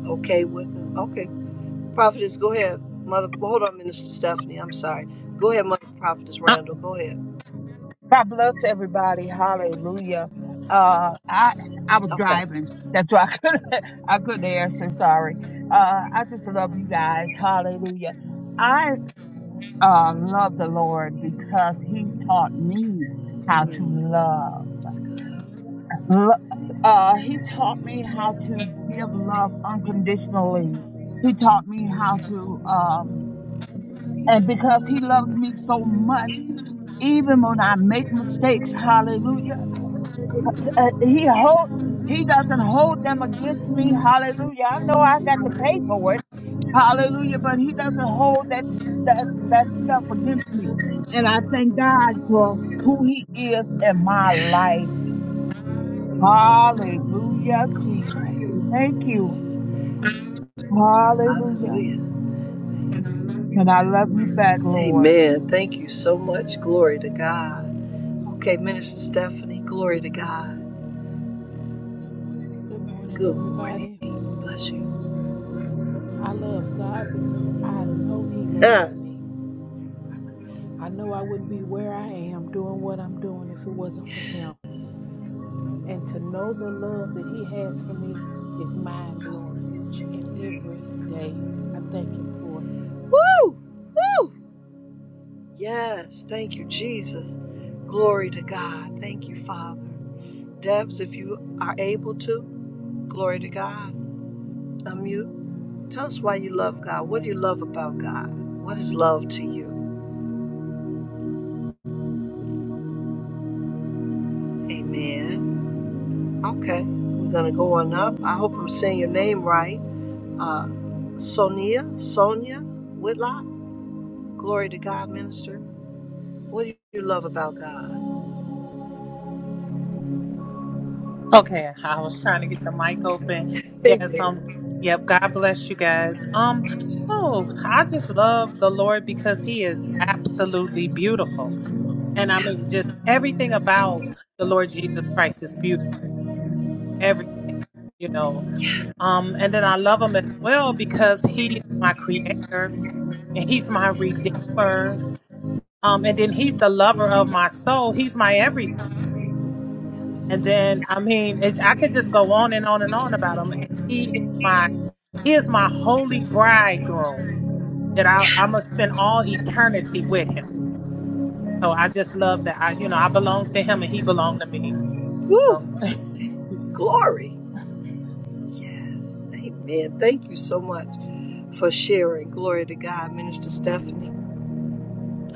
S2: okay with it. Okay. Prophetess, go ahead. Mother, well, hold on, Minister Stephanie. I'm sorry. Go ahead, Mother Prophetess Randall. Go ahead.
S4: God bless everybody. Hallelujah. Uh, I I was
S2: Okay.
S4: driving. That's why I couldn't I couldn't answer. Sorry. Uh, I just love you guys. Hallelujah. I uh love the Lord because He taught me how to
S2: Mm,
S4: love. Lo- Uh, he taught me how to give love unconditionally. He taught me how to um, and because He loves me so much, even when I make mistakes. Hallelujah. Uh, he hold he doesn't hold them against me. Hallelujah. I know I got to pay for it. Hallelujah. But he doesn't hold that s- that that stuff against me. And I thank God for who he is in my life.
S2: Yes.
S4: Hallelujah, Jesus.
S2: Glory.
S4: Thank you.
S2: Yes.
S4: Hallelujah.
S2: Hallelujah.
S4: And I love you back, Lord.
S2: Amen. Thank you so much. Glory to God. Okay, Minister Stephanie, glory to God.
S8: Good morning,
S2: Good morning.
S8: everybody.
S2: Bless you.
S8: I love God because I know He loves
S2: Yes.
S8: me. I know I wouldn't be where I am doing what I'm doing if it wasn't for Him. And to know the love that He has for me is mind blowing each and every day. I thank Him for it.
S2: Woo! Woo! Yes. Thank you, Jesus. Glory to God. Thank you, Father. Debs, if you are able to. Glory to God. Unmute. Tell us why you love God. What do you love about God? What is love to you? Amen. Okay. We're going to go on up. I hope I'm saying your name right. Uh, Sonia, Sonia Whitlock. Glory to God, minister. What do you love about God?
S9: Okay, I was trying to get the mic open. Yes, um,
S2: Amen.
S9: yep. God bless you guys. Um,
S2: Yes.
S9: oh, I just love the Lord because He is absolutely beautiful, and I mean, just everything about the Lord Jesus Christ is beautiful. Everything, you know. Um, and then I love Him as well because He is my Creator and He's my Redeemer. Um, and then He's the lover of my soul. He's my everything. And then, I mean, it's, I could just go on and on and on about him. And he is my, he is my holy bridegroom that I, I'm gonna spend all eternity with him. So I just love that I, you know, I belong to him and he belonged to me.
S2: Woo!
S9: So
S2: Glory. Yes. Amen. Thank you so much for sharing. Glory to God, Minister Stephanie.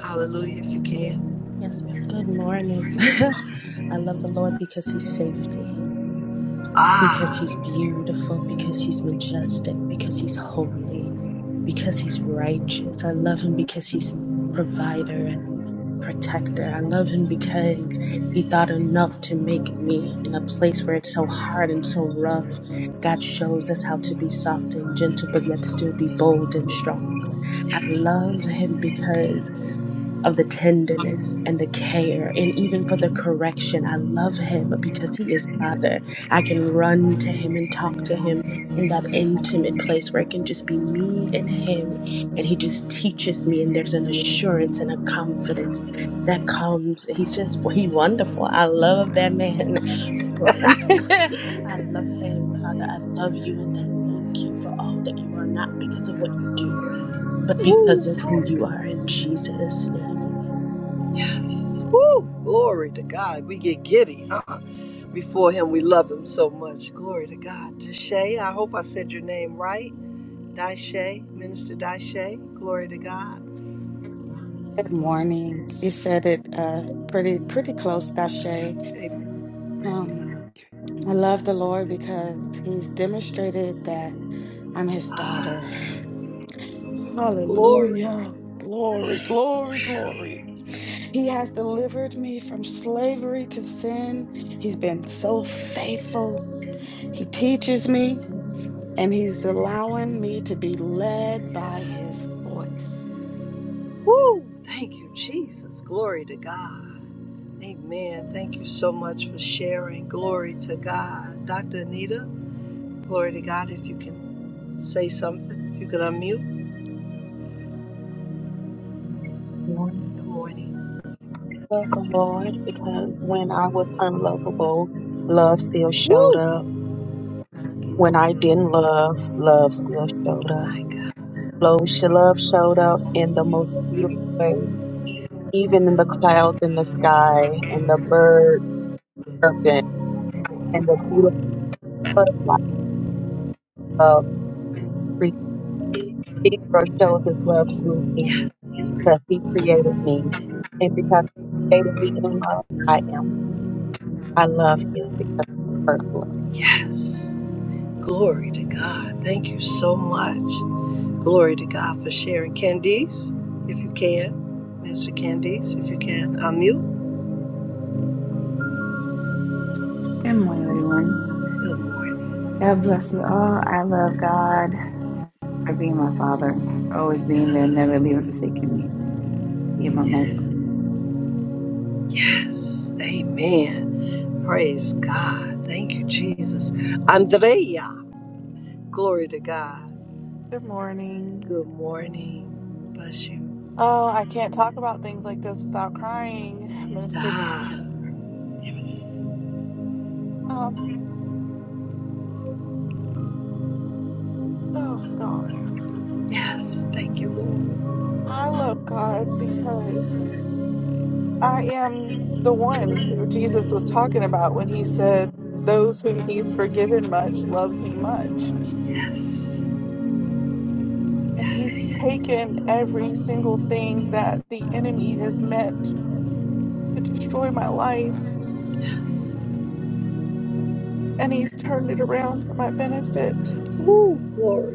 S2: Hallelujah, if you can.
S10: Yes, ma'am. Good morning. I love the Lord because He's safety, because
S2: Ah.
S10: He's beautiful, because He's majestic, because He's holy, because He's righteous. I love Him because He's provider and protector. I love Him because He thought enough to make me in a place where it's so hard and so rough. God shows us how to be soft and gentle, but yet still be bold and strong. I love Him because of the tenderness and the care and even for the correction. I love him because he is Father. I can run to him and talk to him in that intimate place where it can just be me and him and he just teaches me and there's an assurance and a confidence that comes. He's just well, he's wonderful. I love that man. So I love him, Father. I love you and I thank you for all that you are, not because of what you do, but because of who you are in Jesus' name.
S2: Woo! Glory to God. We get giddy, huh? Before Him, we love Him so much. Glory to God. Dashay, I hope I said your name right. Dashay, Minister Dashay. Glory to God.
S3: Good morning. You said it uh, pretty pretty close,
S2: Okay.
S3: Dashe.
S2: Amen. Praise
S3: Um,
S2: God.
S3: I love the Lord because He's demonstrated that I'm His daughter.
S2: Glory.
S3: Hallelujah. Glory, glory, glory. He has delivered me from slavery to sin. He's been so faithful. He teaches me. and He's allowing me to be led by His voice.
S2: Woo! Thank you, Jesus. Glory to God. Amen. Thank you so much for sharing. Glory to God. Dr. Anita, glory to God. If you can say something, if you can unmute. Good morning.
S7: Lord because when I was unlovable, love still showed
S2: Woo!
S7: up. When I didn't love, love still showed up.
S2: My God.
S7: Lo, she love showed up in the most beautiful way, even in the clouds in the sky, and the birds chirping, and the beautiful butterfly of Creator shows his love through me
S2: Yes.
S7: because he created me. And because he created me in love, I am. I love him because he's first love.
S2: Yes. Glory to God. Thank you so much. Glory to God for sharing. Candice, if you can. Mr. Candice, if you can. Unmute.
S11: Good morning, everyone.
S2: Good morning.
S11: God bless you all. I love God for being my father, for always being there, never leaving, forsaking me. He and my mic.
S2: Yes. Amen. Praise God. Thank you, Jesus. Andrea, glory to God.
S12: Good morning.
S2: Good morning. Bless you.
S12: Oh, I can't talk about things like this without crying, Minister.
S2: Ah, yes.
S12: Um, oh God.
S2: Yes. Thank you, Lord.
S12: I love God because I am the one who Jesus was talking about when he said, Those whom he's forgiven much loves me much.
S2: Yes.
S12: And he's taken every single thing that the enemy has meant to destroy my life
S2: Yes.
S12: and he's turned it around for my benefit.
S2: Ooh, glory.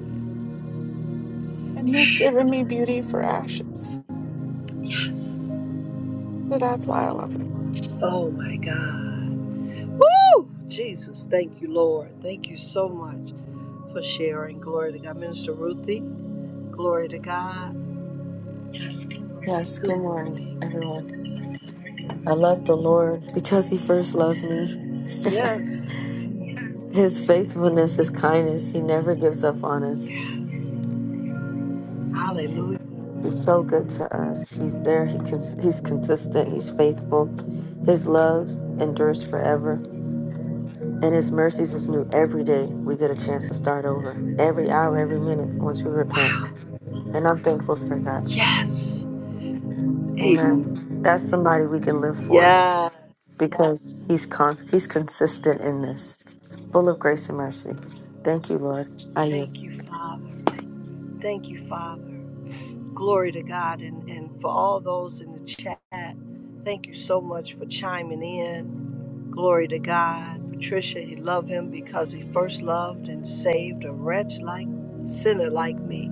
S12: And he's given me beauty for ashes.
S2: Yes.
S12: So that's why I love him.
S2: Oh my God. Woo! Jesus, thank you, Lord. Thank you so much for sharing. Glory to God. Minister Ruthie, glory to God.
S13: Yes, good
S2: Good
S13: morning,
S2: morning.
S13: everyone. I love the Lord because He first loved me.
S2: Yes.
S13: His faithfulness, His kindness, He never gives up on us.
S2: Hallelujah.
S13: He's so good to us. He's there. He can. He's consistent. He's faithful. His love endures forever, and His mercies is new every day. We get a chance to start over every hour, every minute once we repent, and I'm thankful for that.
S2: Yes.
S13: Amen.
S2: Amen.
S13: That's somebody we can live for.
S2: Yeah.
S13: because he's con- he's consistent in this, full of grace and mercy. Thank you, Lord. I yield.
S2: Thank you, Father. Thank you, Father. Glory to God. And, and for all those in the chat, thank you so much for chiming in. Glory to God. Patricia, he loved him because he first loved and saved a wretch like sinner like me.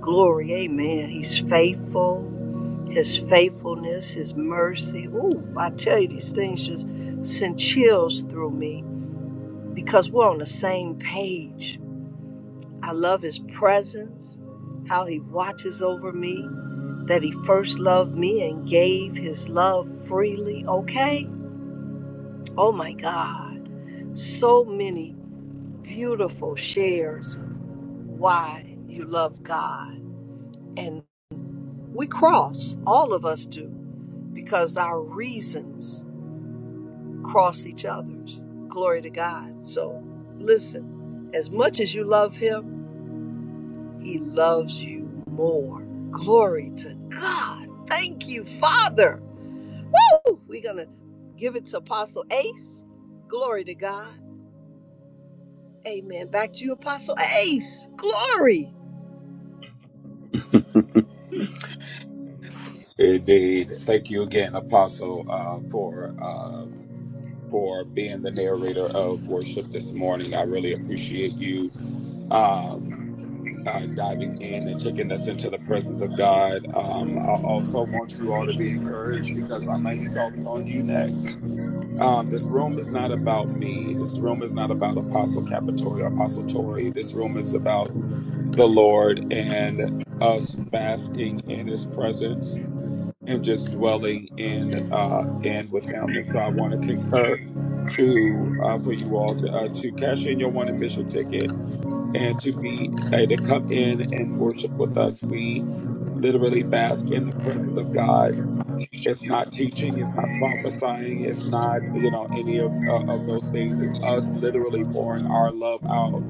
S2: Glory, amen. He's faithful. His faithfulness, his mercy. Ooh, I tell you, these things just send chills through me because we're on the same page. I love his presence, how he watches over me, that he first loved me and gave his love freely. Okay? Oh my God so many beautiful shares of why you love God. And we cross, all of us do, because our reasons cross each other's. Glory to God. So listen, as much as you love Him, He loves you more. Glory to God. Thank you, Father. Woo! We're going to give it to Apostle Ace. Glory to God. Amen. Back to you, Apostle Ace. Glory.
S1: Indeed. Thank you again, Apostle, uh, for um, for being the narrator of worship this morning. I really appreciate you um, uh, diving in and taking us into the presence of God. Um, I also want you all to be encouraged because I might be calling on you next. Um, this room is not about me. This room is not about Apostle Capitoria, or Apostle Tori. This room is about the Lord and us basking in His presence and just dwelling in uh, in with Him. And so, I want to concur to uh, for you all uh, to cash in your one admission ticket and to be uh, to come in and worship with us. We literally bask in the presence of God it's not teaching. It's not prophesying. It's not you know any of uh, of those things. It's us literally pouring our love out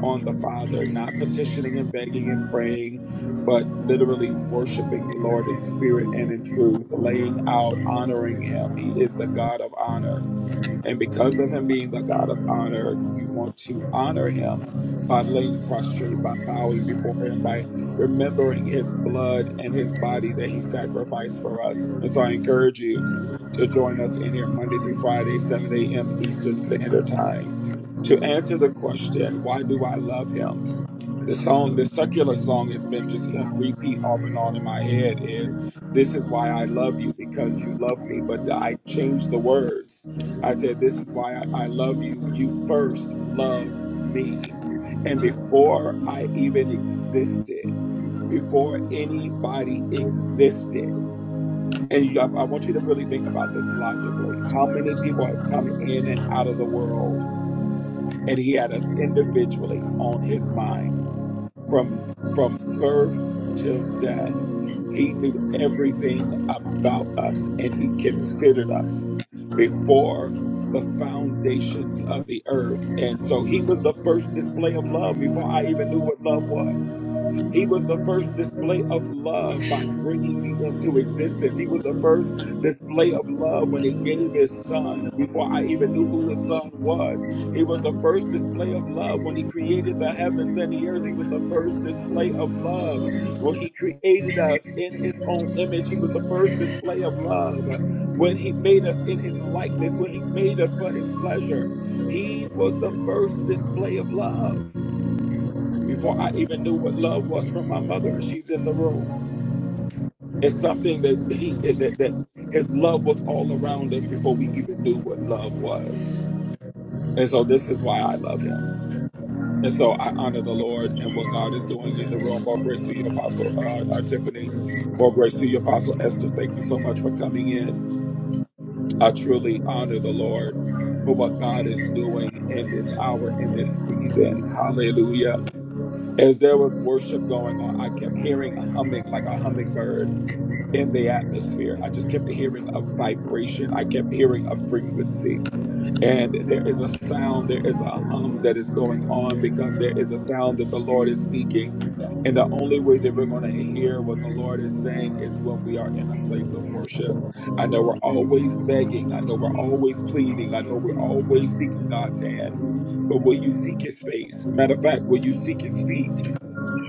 S1: on the Father, not petitioning and begging and praying, but literally worshiping the Lord in spirit and in truth, laying out, honoring Him. He is the God of honor. And because of him being the God of honor, we want to honor him by laying prostrate, by bowing before him, by remembering his blood and his body that he sacrificed for us. And so I encourage you to join us in here Monday through Friday, 7 a.m. Eastern Standard Time. To answer the question, why do I love him? the song, the secular song has been just in repeat off and on in my head is this is why I love you because you love me. But I changed the words. I said, this is why I, I love you. You first loved me. And before I even existed, before anybody existed, and you, I, I want you to really think about this logically. How many people have come in and out of the world and he had us individually on his mind? from from birth till death. He knew everything about us and he considered us before the foundations of the earth. And so he was the first display of love before I even knew what love was. He was the first display of love by bringing me into existence. He was the first display of love when he gave his son before I even knew who his son was. He was the first display of love when he created the heavens and the earth. He was the first display of love well, he created us in his own image. He was the first display of love. When he made us in his likeness, when he made us for his pleasure, he was the first display of love. Before I even knew what love was from my mother, and she's in the room. It's something that he that, that his love was all around us before we even knew what love was. And so this is why I love him. And so I honor the Lord and what God is doing in the room. More grace to you, Apostle uh, uh, Tiffany. More grace to you, Apostle Esther. Thank you so much for coming in. I truly honor the Lord for what God is doing in this hour, in this season. Hallelujah. As there was worship going on, I kept hearing a humming like a hummingbird in the atmosphere. I just kept hearing a vibration. I kept hearing a frequency. And there is a sound, there is a hum that is going on because there is a sound that the Lord is speaking. And the only way that we're going to hear what the Lord is saying is when we are in a place of worship. I know we're always begging. I know we're always pleading. I know we're always seeking God's hand. But will you seek his face? Matter of fact, will you seek his feet?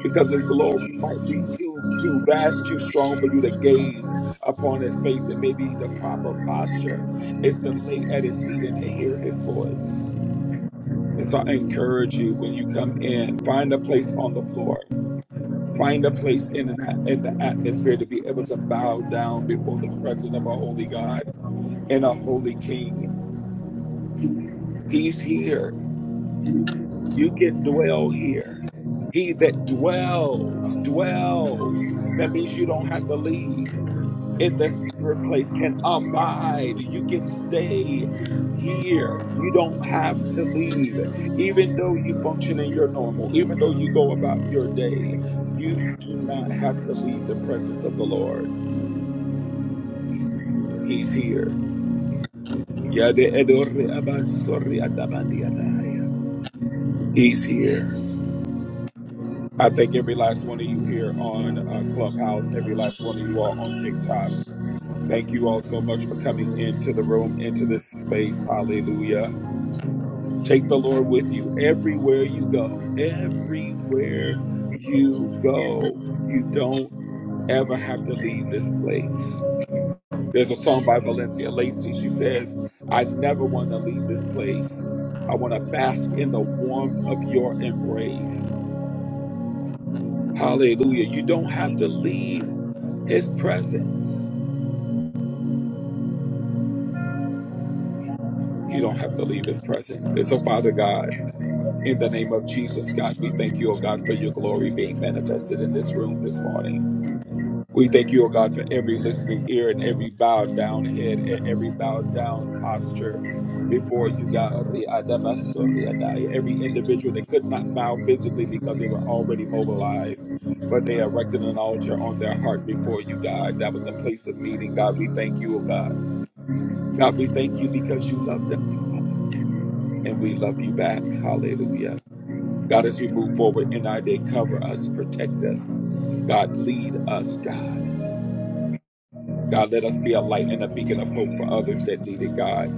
S1: because his glory might be too too vast, too strong for you to gaze upon his face. And maybe the proper posture is to lay at his feet and to hear his voice. And so I encourage you when you come in, find a place on the floor. Find a place in the, in the atmosphere to be able to bow down before the presence of a holy God and a holy King. He's here. You can dwell here. He that dwells, dwells. That means you don't have to leave. in the secret place can abide. You can stay here. You don't have to leave. Even though you function in your normal, even though you go about your day, you do not have to leave the presence of the Lord. He's here. Yade edore abansori adabandiadaya. He's here.
S2: Yes,
S1: I thank every last one of you here on uh, Clubhouse, every last one of you all on TikTok. Thank you all so much for coming into the room, into this space. Hallelujah. Take the Lord with you everywhere you go. Everywhere you go, you don't ever have to leave this place. There's a song by Valencia Lacey. She says, I never want to leave this place. I want to bask in the warmth of your embrace. Hallelujah. You don't have to leave his presence. You don't have to leave his presence. And so, Father God, in the name of Jesus, God, we thank you, oh God, for your glory being manifested in this room this morning. We thank you, O God, for every listening ear and every bowed down head, e- every bowed down posture before you, God. Every individual that could not bow physically because they were already mobilized, but they erected an altar on their heart before you, God. That was the place of meeting, God. We thank you, O God. God, we thank you because you loved us, Father, and we love you back. Hallelujah. God, as we move forward in our day, cover us, protect us. God, lead us, God. God, let us be a light and a beacon of hope for others that need it, God.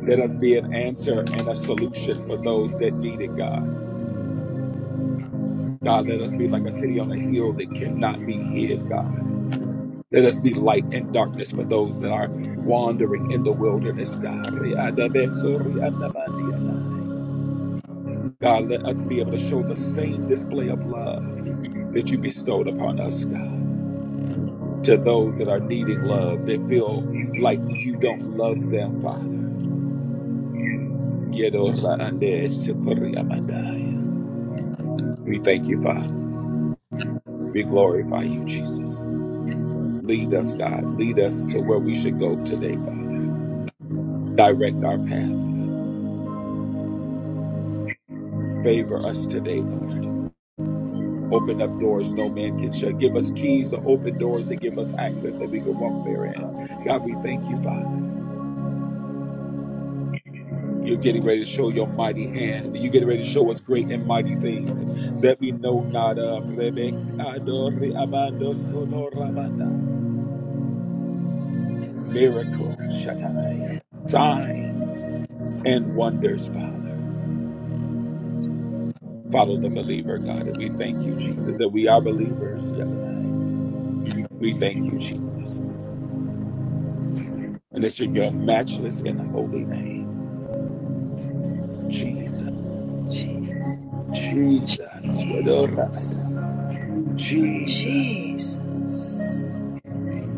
S1: Let us be an answer and a solution for those that need it, God. God, let us be like a city on a hill that cannot be hid, God. Let us be light in darkness for those that are wandering in the wilderness, God. God, let us be able to show the same display of love that you bestowed upon us, God, to those that are needing love, that feel like you don't love them, Father. Yedora ande sikori amandai. We thank you, Father. We glorify you, Jesus. Lead us, God. Lead us to where we should go today, Father. Direct our path. Favor us today, Lord. Open up doors no man can shut. Give us keys to open doors and give us access that we can walk therein. God, we thank you, Father. You're getting ready to show your mighty hand. You're getting ready to show us great and mighty things that we know not of. Rebek adori abando soto rabandai. miracles, Shaddai, signs and wonders, Father. Follow the believer, God, and we thank you, Jesus, that we are believers, Shaddai. We thank you, Jesus, and it's in your matchless and holy name, Jesus,
S2: Jesus,
S1: Jesus, Yadorada,
S2: Jesus,
S1: Jesus,
S2: Jesus.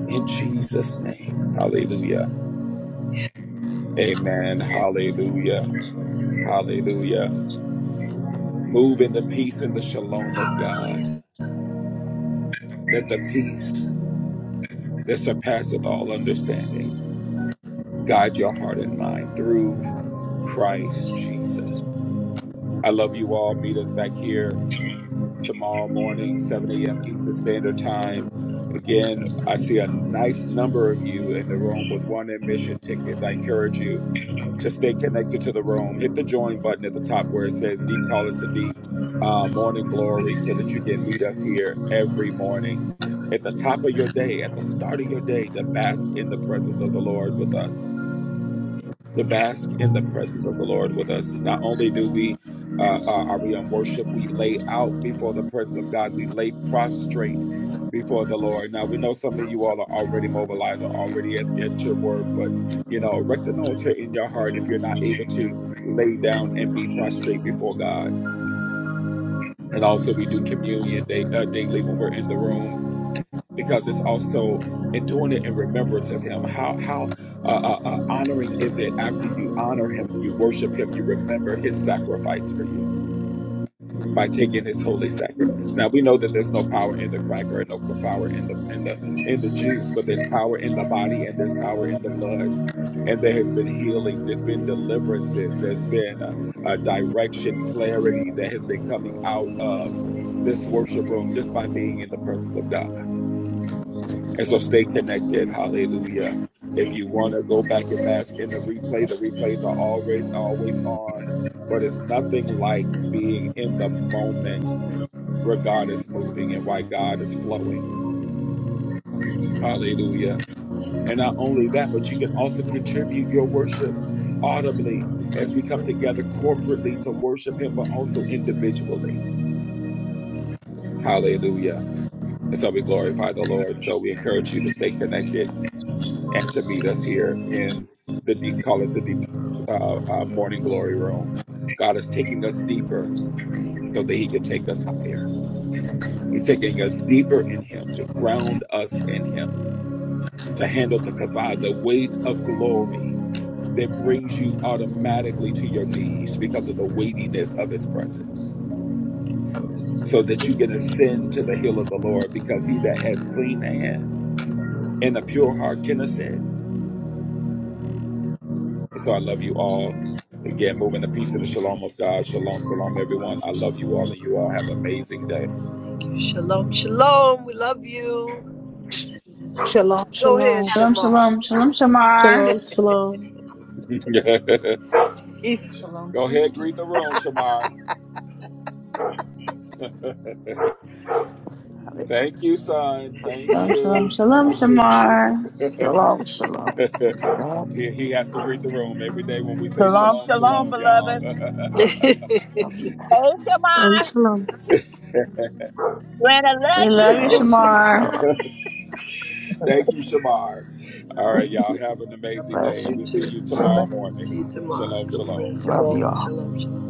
S1: in Jesus' name, Hallelujah, Amen, Hallelujah, Hallelujah. Move in the peace and the shalom of God. Let the peace that surpasseth all understanding guide your heart and mind through Christ Jesus. I love you all. Meet us back here tomorrow morning, 7 a.m. Eastern Standard Time. Again, I see a nice number of you in the room with one admission tickets. I encourage you to stay connected to the room. Hit the join button at the top where it says Deep Call It to Deep uh, Morning Glory so that you can meet us here every morning. At the top of your day, at the start of your day, to bask in the presence of the Lord with us to bask in the presence of the Lord with us. Not only do we uh, uh, are we in worship, we lay out before the presence of God. We lay prostrate before the Lord. Now we know some of you all are already mobilized, are already at, at your work, but you know, erect an altar in your heart if you're not able to lay down and be prostrate before God. And also, we do communion day, uh, daily when we're in the room because it's also in doing it in remembrance of him. How how uh, uh, uh, honoring is it after you honor him, you worship him, you remember his sacrifice for you by taking his holy sacraments. Now we know that there's no power in the cracker and no power in the in the in the juice, but there's power in the body and there's power in the blood. And there has been healings, there's been deliverances, there's been a, a direction, clarity that has been coming out of this worship room just by being in the presence of God. And so stay connected. Hallelujah. If you want to go back and bask in the replay, the replays are always always on. But it's nothing like being in the moment where God is moving and why God is flowing. Hallelujah. And not only that, but you can also contribute your worship audibly as we come together corporately to worship him, but also individually. Hallelujah. And so we glorify the Lord. So we encourage you to stay connected and to meet us here in the deep call it the uh, uh, morning glory room. God is taking us deeper so that He can take us higher. He's taking us deeper in Him to ground us in Him to handle the kavod, the weight of glory that brings you automatically to your knees because of the weightiness of His presence, so that you can ascend to the hill of the Lord because He that has clean hands and a pure heart can ascend. And So I love you all. Again, moving a piece of the shalom of God. Shalom, shalom, everyone. I love you all, and you all have an amazing day.
S2: Shalom, shalom. We love you.
S8: Shalom,
S2: Go ahead,
S8: shalom.
S11: Shalom,
S2: Shamar.
S11: shalom, shalom, Shamar.
S5: Shalom, shalom.
S14: Shalom,
S1: Go ahead,
S14: shalom.
S1: greet the room, Shamar.
S6: Yes.
S1: Thank you, son. Thank
S11: Shalom, shalom,
S1: you.
S11: shalom,
S1: Thank you.
S11: Shamar.
S6: Shalom, shalom. God
S1: he, he has to greet the room every day when we say
S4: Shalom,
S1: shalom,
S4: shalom,
S1: shalom, y'all.
S4: beloved.
S6: Love you.
S4: Hey,
S10: Shalom,
S4: Shemai.
S10: shalom.
S4: Granny,
S11: We love you,
S4: love
S6: all. Shalom,
S11: Shamar.
S6: shalom.
S1: Thank you, Shamar. All
S2: God
S1: right,
S6: Thank
S1: y'all.
S6: you.
S1: Have an amazing day,
S2: bless
S1: and
S2: you
S1: we'll
S6: Blessings.
S1: see
S2: too.
S1: you
S4: you.
S1: tomorrow morning.
S2: See you tomorrow.
S1: Shalom,
S2: Good
S1: shalom.
S2: morning,
S6: Love
S2: Jamal.
S6: you all.
S2: Shalom, shalom.